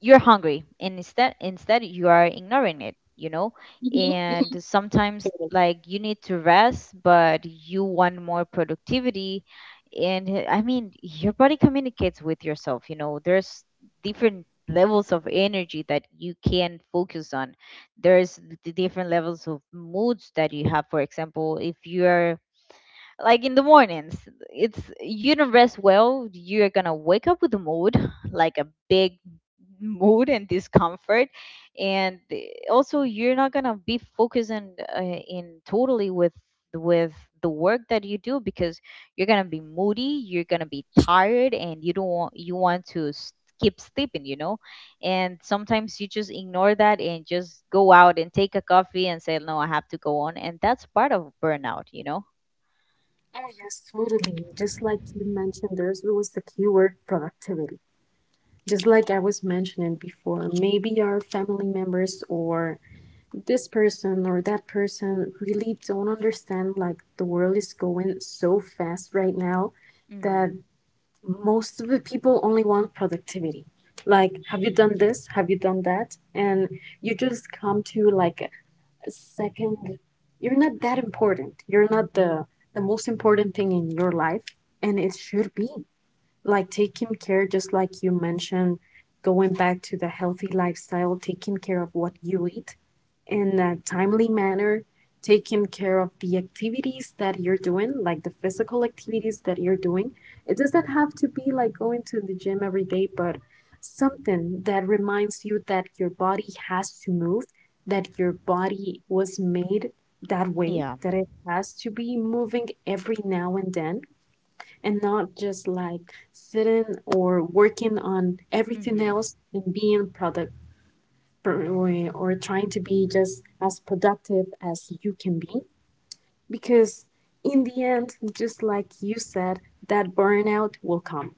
[SPEAKER 1] you're hungry, and instead, instead you are ignoring it, you know.
[SPEAKER 2] Mm-hmm. Mm-hmm.
[SPEAKER 1] And sometimes,
[SPEAKER 2] Totally.
[SPEAKER 1] like, you need to rest, but you want more productivity. And uh, I mean, your body communicates with yourself, you know. There's different levels of energy that you can focus on. There's the different levels of moods that you have. For example, if you are like in the mornings, it's you don't rest well, you're gonna wake up with a mood, like a big mood and discomfort. And eh, also, you're not gonna be focusing uh, in totally with with the work that you do, because you're gonna be moody, you're gonna be tired, and you don't want you want to s- keep sleeping, you know. And sometimes you just ignore that and just go out and take a coffee and say, no, I have to go on. And that's part of burnout, you know.
[SPEAKER 2] Oh, yes, totally. Just like you mentioned, there's always the keyword productivity. Just like I was mentioning before, maybe our family members or this person or that person really don't understand, like, the world is going so fast right now that most of the people only want productivity, like have you done this, have you done that. And you just come to like a second, you're not that important, you're not the the most important thing in your life, and it should be like taking care, just like you mentioned, going back to the healthy lifestyle, taking care of what you eat in a timely manner, taking care of the activities that you're doing, like the physical activities that you're doing. It doesn't have to be like going to the gym every day, but something that reminds you that your body has to move, that your body was made that way,
[SPEAKER 1] Yeah.
[SPEAKER 2] that it has to be moving every now and then, and not just like sitting or working on everything
[SPEAKER 1] Mhm.
[SPEAKER 2] else and being product, or, or trying to be just as productive as you can be, because in the end, just like you said, that burnout will come.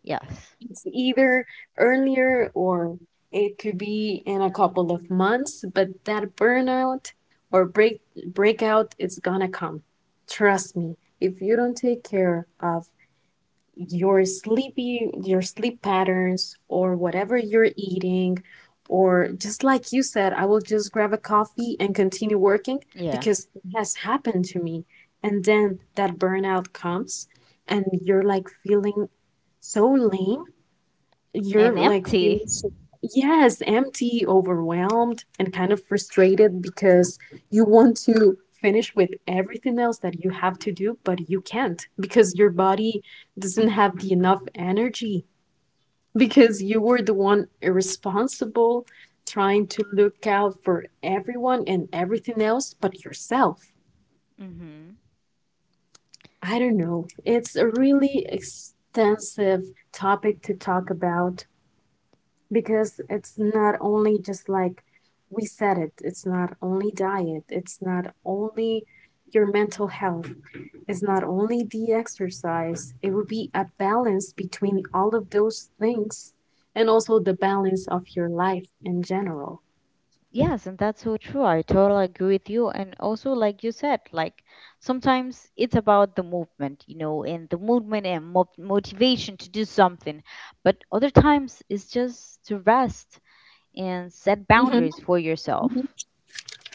[SPEAKER 1] Yes.
[SPEAKER 2] It's either earlier or it could be in a couple of months, but that burnout or break breakout is gonna come, trust me, if you don't take care of your sleepy your sleep patterns or whatever you're eating, or just like you said, I will just grab a coffee and continue working.
[SPEAKER 1] Yeah.
[SPEAKER 2] Because it has happened to me, and then that burnout comes and you're like feeling so lame,
[SPEAKER 1] And
[SPEAKER 2] you're like feeling
[SPEAKER 1] empty.
[SPEAKER 2] so, yes, empty, overwhelmed, and kind of frustrated because you want to finish with everything else that you have to do, but you can't because your body doesn't have the enough energy because you were the one irresponsible trying to look out for everyone and everything else but yourself.
[SPEAKER 1] Mhm.
[SPEAKER 2] I don't know. It's a really extensive topic to talk about. Because it's not only, just like we said it, it's not only diet, it's not only your mental health, it's not only the exercise. It would be a balance between all of those things and also the balance of your life in general.
[SPEAKER 1] Yes, and that's so true. I totally agree with you. And also, like you said, like sometimes it's about the movement, you know, and the movement and mo motivation to do something. But other times it's just to rest and set
[SPEAKER 2] Hmm.
[SPEAKER 1] boundaries for yourself.
[SPEAKER 2] Hmm.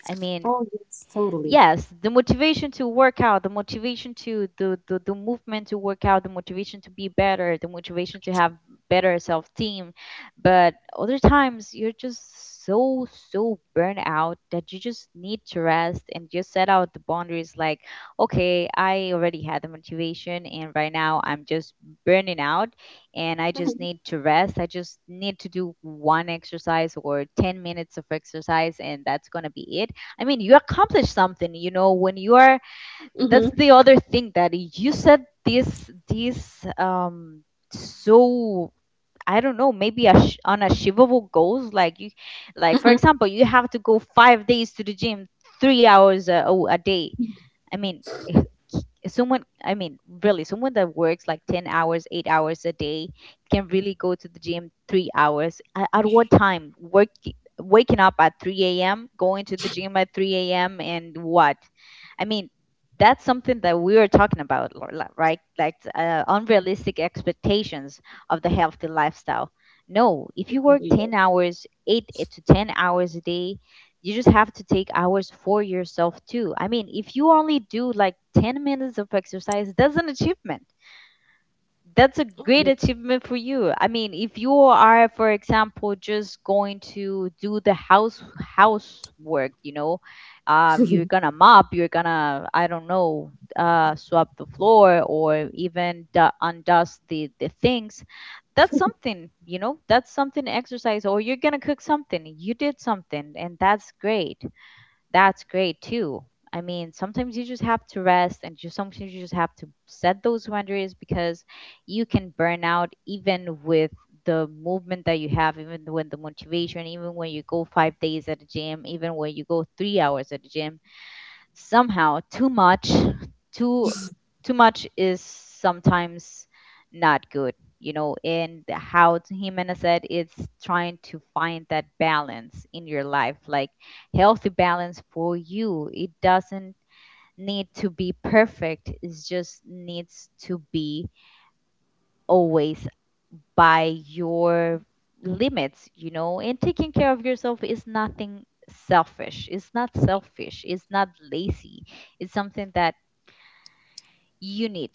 [SPEAKER 1] I mean,
[SPEAKER 2] Oh, yes, totally.
[SPEAKER 1] yes, the motivation to work out, the motivation to the, the the movement to work out, the motivation to be better, the motivation to have better self team. But other times you're just so so burnt out that you just need to rest and just set out the boundaries, like, okay, I already had the motivation, and right now I'm just burning out, and I just
[SPEAKER 2] Hmm.
[SPEAKER 1] need to rest, I just need to do one exercise or ten minutes of exercise, and that's going to be it. I mean, you accomplish something, you know, when you are,
[SPEAKER 2] Hmm.
[SPEAKER 1] that's the other thing that you said, this this um so I don't know, maybe a sh- unachievable goals, like you, like for
[SPEAKER 2] Hmm.
[SPEAKER 1] example, you have to go five days to the gym, three hours a, a a day. I mean, someone, I mean, really, someone that works like ten hours, eight hours a day, can really go to the gym three hours? At, at what time? Work, waking up at three a m, going to the gym at three a m, and what? I mean, that's something that we were talking about, Lorla, right? Like uh, unrealistic expectations of the healthy lifestyle. No, if you work
[SPEAKER 2] Yes.
[SPEAKER 1] ten hours, eight to ten hours a day, you just have to take hours for yourself too. I mean, if you only do like ten minutes of exercise, that's an achievement. That's a
[SPEAKER 2] Oh,
[SPEAKER 1] great
[SPEAKER 2] yes.
[SPEAKER 1] achievement for you. I mean, if you are, for example, just going to do the house housework, you know, uh, you're gonna mop, you're gonna, I don't know, uh, swap the floor, or even du- undust the the things. That's something, you know. That's something exercise, or you're gonna cook something. You did something, and that's great. That's great too. I mean, sometimes you just have to rest, and just sometimes you just have to set those boundaries, because you can burn out even with the movement that you have, even when the motivation, even when you go five days at the gym, even when you go three hours at the gym, somehow too much too too much is sometimes not good, you know. And how t- Jimena said, it's trying to find that balance in your life, like healthy balance for you. It doesn't need to be perfect, it just needs to be always by your limits, you know. And taking care of yourself is nothing selfish. It's not selfish, it's not lazy, it's something that you need.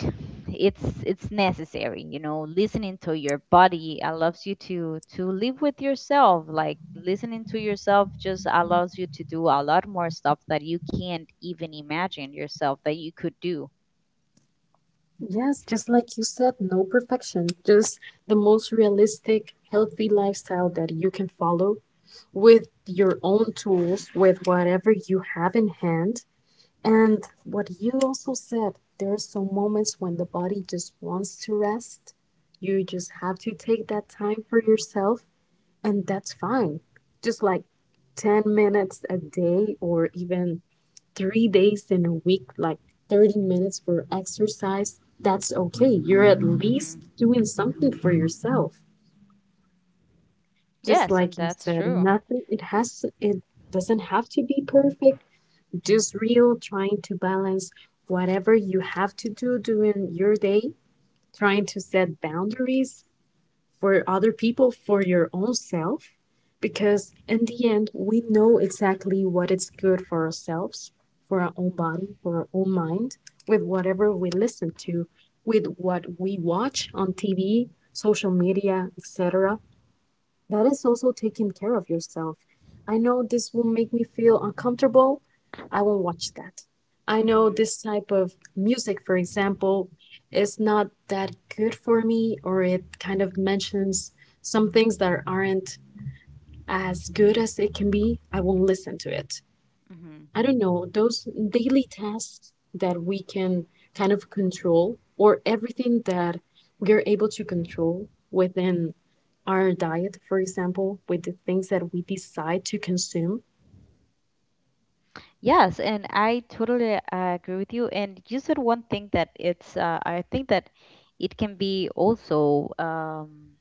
[SPEAKER 1] It's it's necessary, you know. Listening to your body allows you to to live with yourself. Like listening to yourself just allows you to do a lot more stuff that you can't even imagine yourself that you could do.
[SPEAKER 2] Yes, just like you said, no perfection, just the most realistic, healthy lifestyle that you can follow with your own tools, with whatever you have in hand. And what you also said, there are some moments when the body just wants to rest. You just have to take that time for yourself, and that's fine. Just like ten minutes a day, or even three days in a week, like thirty minutes for exercise, that's okay. You're at least
[SPEAKER 1] Mm-hmm.
[SPEAKER 2] doing something for yourself. Just
[SPEAKER 1] Yes,
[SPEAKER 2] like
[SPEAKER 1] and
[SPEAKER 2] you
[SPEAKER 1] that's
[SPEAKER 2] said,
[SPEAKER 1] true.
[SPEAKER 2] nothing, it has, it doesn't have to be perfect. Just real, trying to balance whatever you have to do during your day, trying to set boundaries, for other people, for your own self, because in the end, we know exactly what is good for ourselves, for our own body, for our own mind, with whatever we listen to, with what we watch on T V, social media, et cetera. That is also taking care of yourself. I know this will make me feel uncomfortable. I won't watch that. I know
[SPEAKER 1] Mm-hmm.
[SPEAKER 2] this type of music, for example, is not that good for me, or it kind of mentions some things that aren't as good as it can be. I won't listen to it.
[SPEAKER 1] Mm-hmm.
[SPEAKER 2] I don't know, those daily tasks that we can kind of control, or everything that we're able to control within our diet, for example, with the things that we decide to consume.
[SPEAKER 1] Yes, and I totally uh, agree with you. And you said one thing that it's, uh, I think that it can be also um,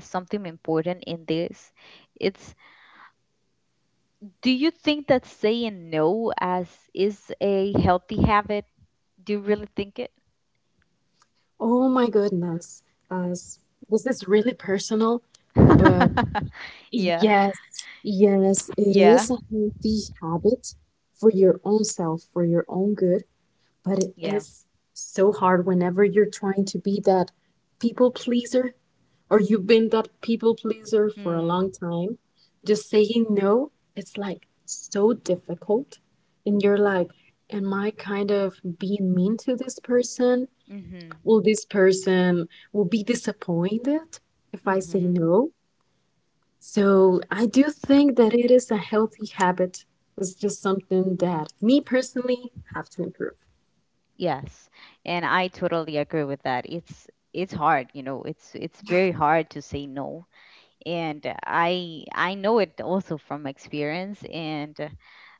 [SPEAKER 1] something important in this. It's, do you think that saying no as is a healthy habit? Do you really think it?
[SPEAKER 2] Oh my goodness. As this is really personal, but
[SPEAKER 1] Yeah.
[SPEAKER 2] yes, yes, it
[SPEAKER 1] Yeah.
[SPEAKER 2] is a healthy habit for your own self, for your own good. But it
[SPEAKER 1] Yeah.
[SPEAKER 2] is so hard whenever you're trying to be that people pleaser or you've been that people pleaser for a
[SPEAKER 1] Mm.
[SPEAKER 2] long time. Just saying no, it's like so difficult. And you're like, am I kind of being mean to this person?
[SPEAKER 1] Mhm.
[SPEAKER 2] Will this person will be disappointed if I say
[SPEAKER 1] Mhm.
[SPEAKER 2] no? So I do think that it is a healthy habit. It's just something that me personally have to improve.
[SPEAKER 1] Yes. And I totally agree with that. It's it's hard, you know. It's it's very hard to say no, and uh, i i know it also from experience, and uh,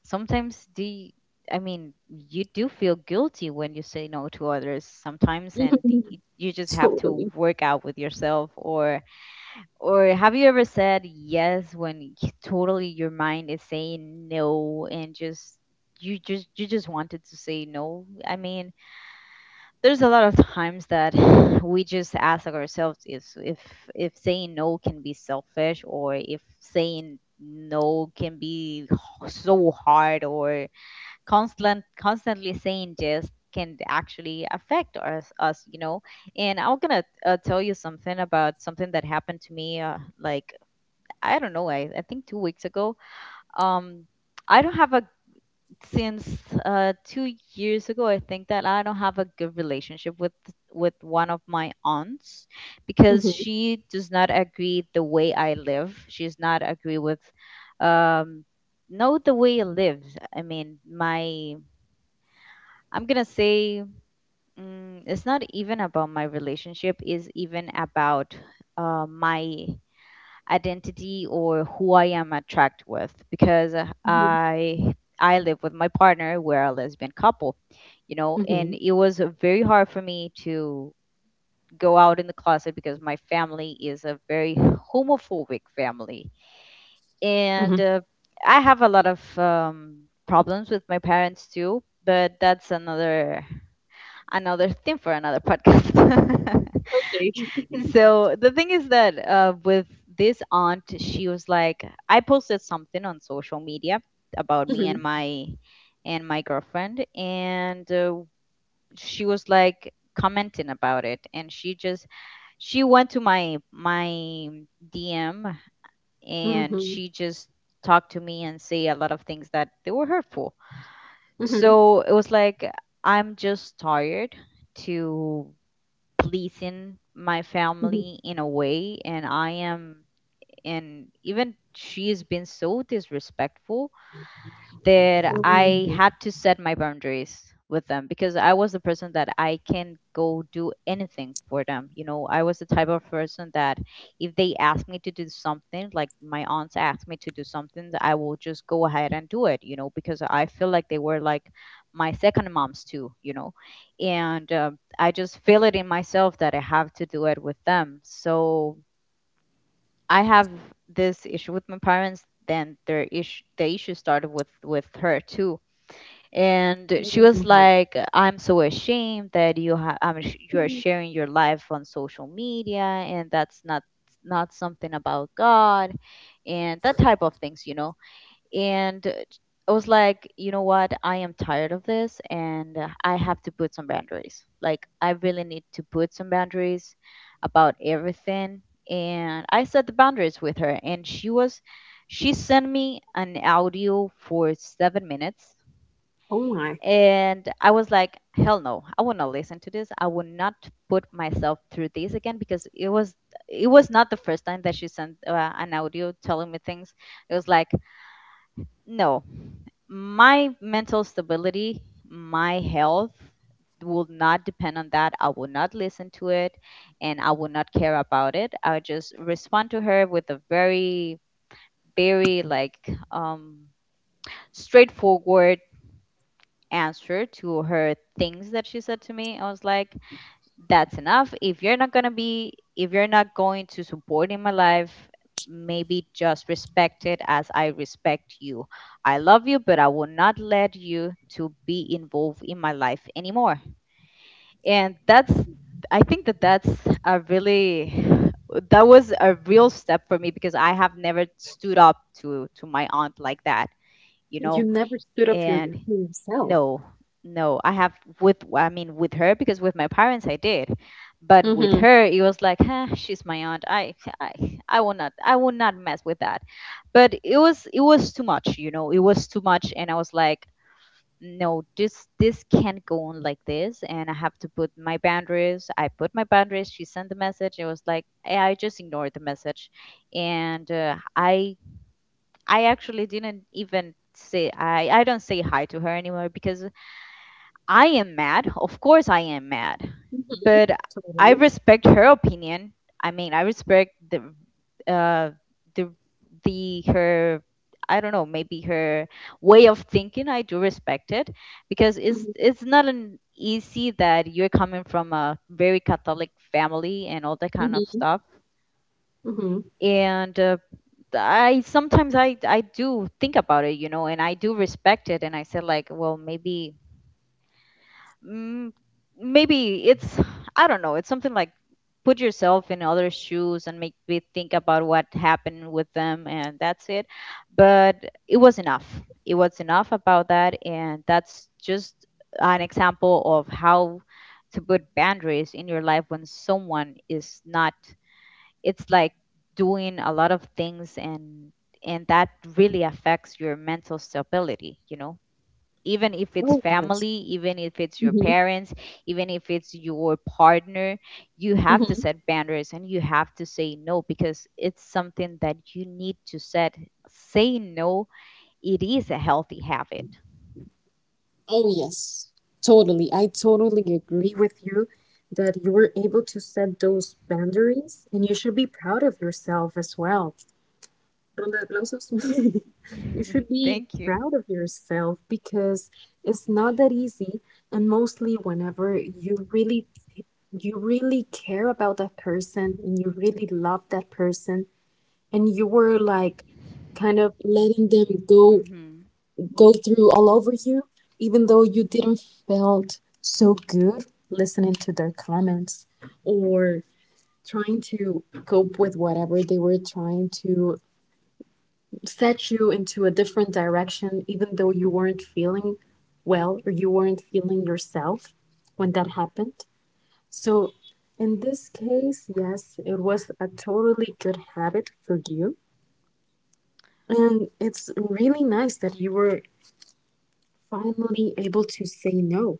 [SPEAKER 1] sometimes the i mean you do feel guilty when you say no to others sometimes, and y- you just have to
[SPEAKER 2] Totally.
[SPEAKER 1] work out with yourself. or or have you ever said yes when y- totally your mind is saying no and just you just you just wanted to say no? I mean, there's a lot of times that we just ask ourselves if if if saying no can be selfish, or if saying no can be h- so hard, or constant constantly saying yes can actually affect us us you know. And I'm gonna uh, tell you something about something that happened to me, uh, like I don't know, I, I think two weeks ago. um I don't have a since uh, two years ago, I think that I don't have a good relationship with with one of my aunts because
[SPEAKER 2] Mhm,
[SPEAKER 1] she does not agree the way I live. She's not agree with um no the way I live. I mean, my I'm gonna say, mm, it's not even about my relationship. Is even about uh, my identity or who I am attracted with, because uh,
[SPEAKER 2] mhm,
[SPEAKER 1] I I live with my partner. We're a lesbian couple, you know,
[SPEAKER 2] mhm,
[SPEAKER 1] and it was uh, very hard for me to go out in the closet because my family is a very homophobic family,
[SPEAKER 2] mhm.
[SPEAKER 1] and uh, I have a lot of um, problems with my parents too. But that's another another thing for another podcast.
[SPEAKER 2] Okay.
[SPEAKER 1] So the thing is that, uh, with this aunt, she was like, I posted something on social media about me
[SPEAKER 2] Mhm,
[SPEAKER 1] and my and my girlfriend, and uh, she was like commenting about it, and she just she went to my my D M, and
[SPEAKER 2] mhm,
[SPEAKER 1] she just talked to me and say a lot of things that they were hurtful.
[SPEAKER 2] mhm,
[SPEAKER 1] So it was like, I'm just tired to pleasing my
[SPEAKER 2] mhm.
[SPEAKER 1] family in a way, and I am. And even she has been so disrespectful that I
[SPEAKER 2] Oh,
[SPEAKER 1] had to set my boundaries with them, because I was the person that I can go do anything for them. You know, I was the type of person that if they asked me to do something, like my aunts asked me to do something, I will just go ahead and do it, you know, because I feel like they were like my second moms too, you know. And uh, I just feel it in myself that I have to do it with them. So I have this issue with my parents. Then their issue, the issue started with with her too. And she was
[SPEAKER 2] oh my.
[SPEAKER 1] like, I'm so ashamed that you have, i'm sh- you're
[SPEAKER 2] Mhm.
[SPEAKER 1] sharing your life on social media, and that's not not something about God and that type of things, you know. And uh, I was like, you know what, I am tired of this. And uh, I have to put some boundaries. Like, I really need to put some boundaries about everything. And I set the boundaries with her, and she was she sent me an audio for seven minutes.
[SPEAKER 2] Oh my.
[SPEAKER 1] And I was like, hell no, I will not listen to this. I will not put myself through this again, because it was it was not the first time that she sent uh, an audio telling me things. It was like, no, my mental stability, my health will not depend on that. I will not listen to it, and I will not care about it. I'll just respond to her with a very, very like um, straightforward answer to her things that she said to me. I was like, that's enough. If you're not going to be, if you're not going to support in my life, maybe just respect it as I respect you. I love you, but I will not let you to be involved in my life anymore. And that's, I think that that's a really, that was a real step for me, because I have never stood up to to my aunt like that, you
[SPEAKER 2] You
[SPEAKER 1] know.
[SPEAKER 2] never stood up for your for
[SPEAKER 1] And
[SPEAKER 2] yourself.
[SPEAKER 1] no, no, I have with, I mean, with her, because with my parents I did. But with
[SPEAKER 2] Mhm,
[SPEAKER 1] her it was like, huh, she's my aunt. I, I I will not, I will not mess with that. But it was it was too much, you know, it was too much, and I was like, no, this this can't go on like this, and I have to put my boundaries. I put my boundaries. She sent the message. It was like, eh, I just ignored the message. And uh, i I actually didn't even say I, I don't say hi to her anymore because I am mad. Of course I am mad.
[SPEAKER 2] mhm.
[SPEAKER 1] But I
[SPEAKER 2] Totally.
[SPEAKER 1] respect her opinion. I mean, I respect the uh the the her, I don't know, maybe her way of thinking. I do respect it because it's
[SPEAKER 2] Mhm,
[SPEAKER 1] it's not an easy that you're coming from a very Catholic family and all that kind of
[SPEAKER 2] mhm,
[SPEAKER 1] stuff.
[SPEAKER 2] mhm.
[SPEAKER 1] And uh, I sometimes I I do think about it, you know, and I do respect it. And I said like, well, maybe, mm, maybe it's I don't know. It's something like put yourself in other shoes and make me think about what happened with them, and that's it. But it was enough. It was enough about that, and that's just an example of how to put boundaries in your life when someone is not, it's like doing a lot of things, and and that really affects your mental stability, you know. Even if it's
[SPEAKER 2] Oh, yes.
[SPEAKER 1] family, even if it's your
[SPEAKER 2] Mhm,
[SPEAKER 1] parents, even if it's your partner, you have to
[SPEAKER 2] mhm.
[SPEAKER 1] set boundaries, and you have to say no, because it's something that you need to set. Say no, it is a healthy habit.
[SPEAKER 2] Oh, yes. Totally. I totally agree with you that you were able to set those boundaries, and you should be proud of yourself as well. Ronda de aplausos. you should be
[SPEAKER 1] thank you.
[SPEAKER 2] proud of yourself because it's not that easy. And mostly, whenever you really, you really care about that person and you really love that person, and you were like, kind of letting them go
[SPEAKER 1] Hmm.
[SPEAKER 2] go through all over you, even though you didn't felt so good listening to their comments or trying to cope with whatever they were trying to set you into a different direction, even though you weren't feeling well or you weren't feeling yourself when that happened. So, in this case, yes, it was a totally good habit for you. And it's really nice that you were finally able to say no.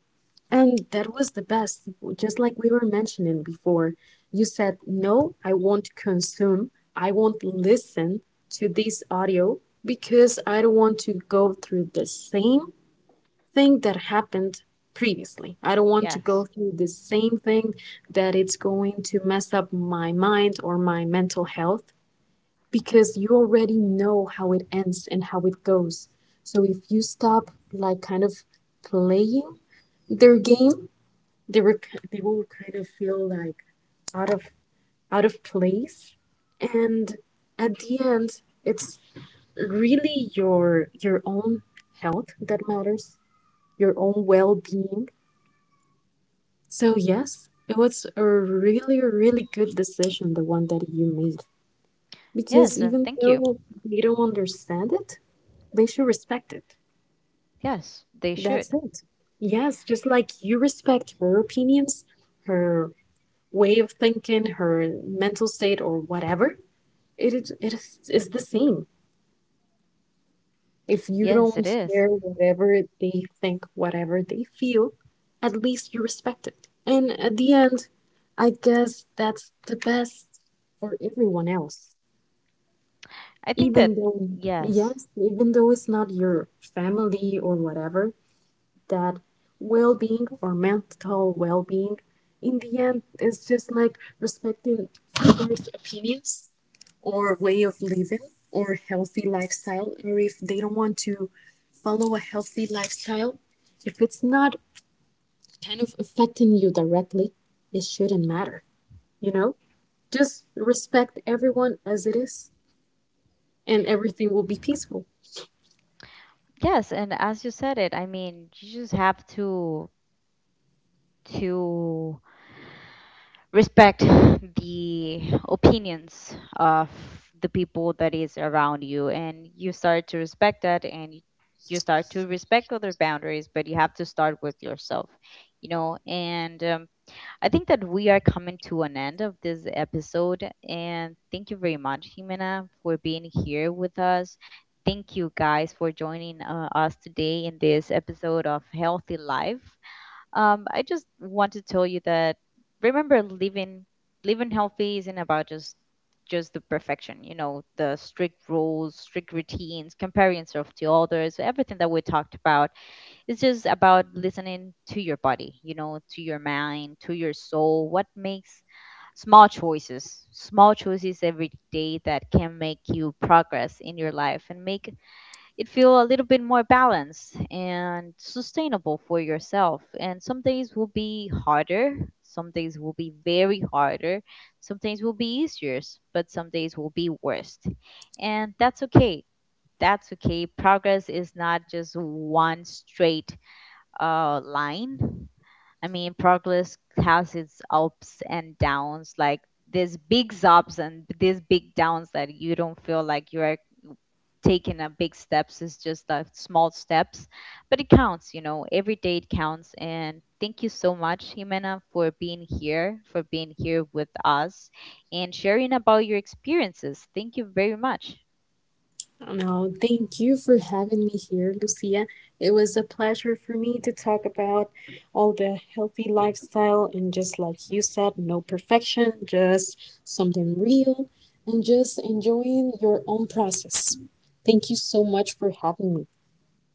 [SPEAKER 2] And that was the best. Just like we were mentioning before, you said, no, I won't consume, I won't listen to this audio because I don't want to go through the same thing that happened previously. I don't want to go
[SPEAKER 1] Yes.
[SPEAKER 2] through the same thing that it's going to mess up my mind or my mental health because you already know how it ends and how it goes. So if you stop like kind of playing their game, they were k- they will kind of feel like out of out of place. And at the end, it's really your your own health that matters, your own
[SPEAKER 1] Hmm.
[SPEAKER 2] well-being. So yes, it was a really really good decision the one that you made because
[SPEAKER 1] Yes, uh,
[SPEAKER 2] even
[SPEAKER 1] thank you.
[SPEAKER 2] though they don't understand it, they should respect it.
[SPEAKER 1] Yes, they should.
[SPEAKER 2] That's it. Yes, just like you respect her opinions, her way of thinking, her mental state, or whatever, it is, it is it's the same. If you
[SPEAKER 1] Yes, it
[SPEAKER 2] don't
[SPEAKER 1] is.
[SPEAKER 2] share whatever they think, whatever they feel, at least you respect it. And at the end, I guess that's the best for everyone else.
[SPEAKER 1] I think
[SPEAKER 2] Even
[SPEAKER 1] that
[SPEAKER 2] though,
[SPEAKER 1] yes.
[SPEAKER 2] yes, even though it's not your family or whatever, that well being or mental well being, in the end, is just like respecting others' opinions or way of living or healthy lifestyle, or if they don't want to follow a healthy lifestyle, if it's not kind of affecting you directly, it shouldn't matter, you know? Just respect everyone as it is, and everything will be peaceful.
[SPEAKER 1] Yes, and as you said it, I mean, you just have to to respect the opinions of the people that is around you, and you start to respect that, and you you start to respect other boundaries, but you have to start with yourself, you know. And um, I think that we are coming to an end of this episode. And thank you very much, Jimena, for being here with us. Thank you guys for joining uh, us today in this episode of Healthy Life. Um, I just want to tell you that remember living living healthy isn't about just just the perfection, you know, the strict rules, strict routines, comparing yourself to others, everything that we talked about. It's just about listening to your body, you know, to your mind, to your soul. What makes small choices, small choices every day that can make you progress in your life and make it feel a little bit more balanced and sustainable for yourself. And some days will be harder, some days will be very harder, some days will be easier, but some days will be worst. And that's okay. That's okay. Progress is not just one straight uh, line. I mean, progress has its ups and downs, like these big ups and these big downs that you don't feel like you are taking a big steps. It's just like small steps, but it counts, you know, every day it counts. And thank you so much, Jimena, for being here, for being here with us and sharing about your experiences. Thank you very much.
[SPEAKER 2] No, thank you for having me here, Lucia. It was a pleasure for me to talk about all the healthy lifestyle and just like you said, no perfection, just something real and just enjoying your own process. Thank you so much for having me.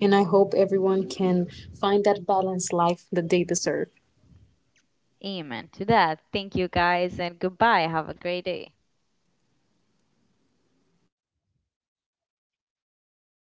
[SPEAKER 2] And I hope everyone can find that balanced life that they deserve.
[SPEAKER 1] Amen to that. Thank you guys, and goodbye. Have a great day.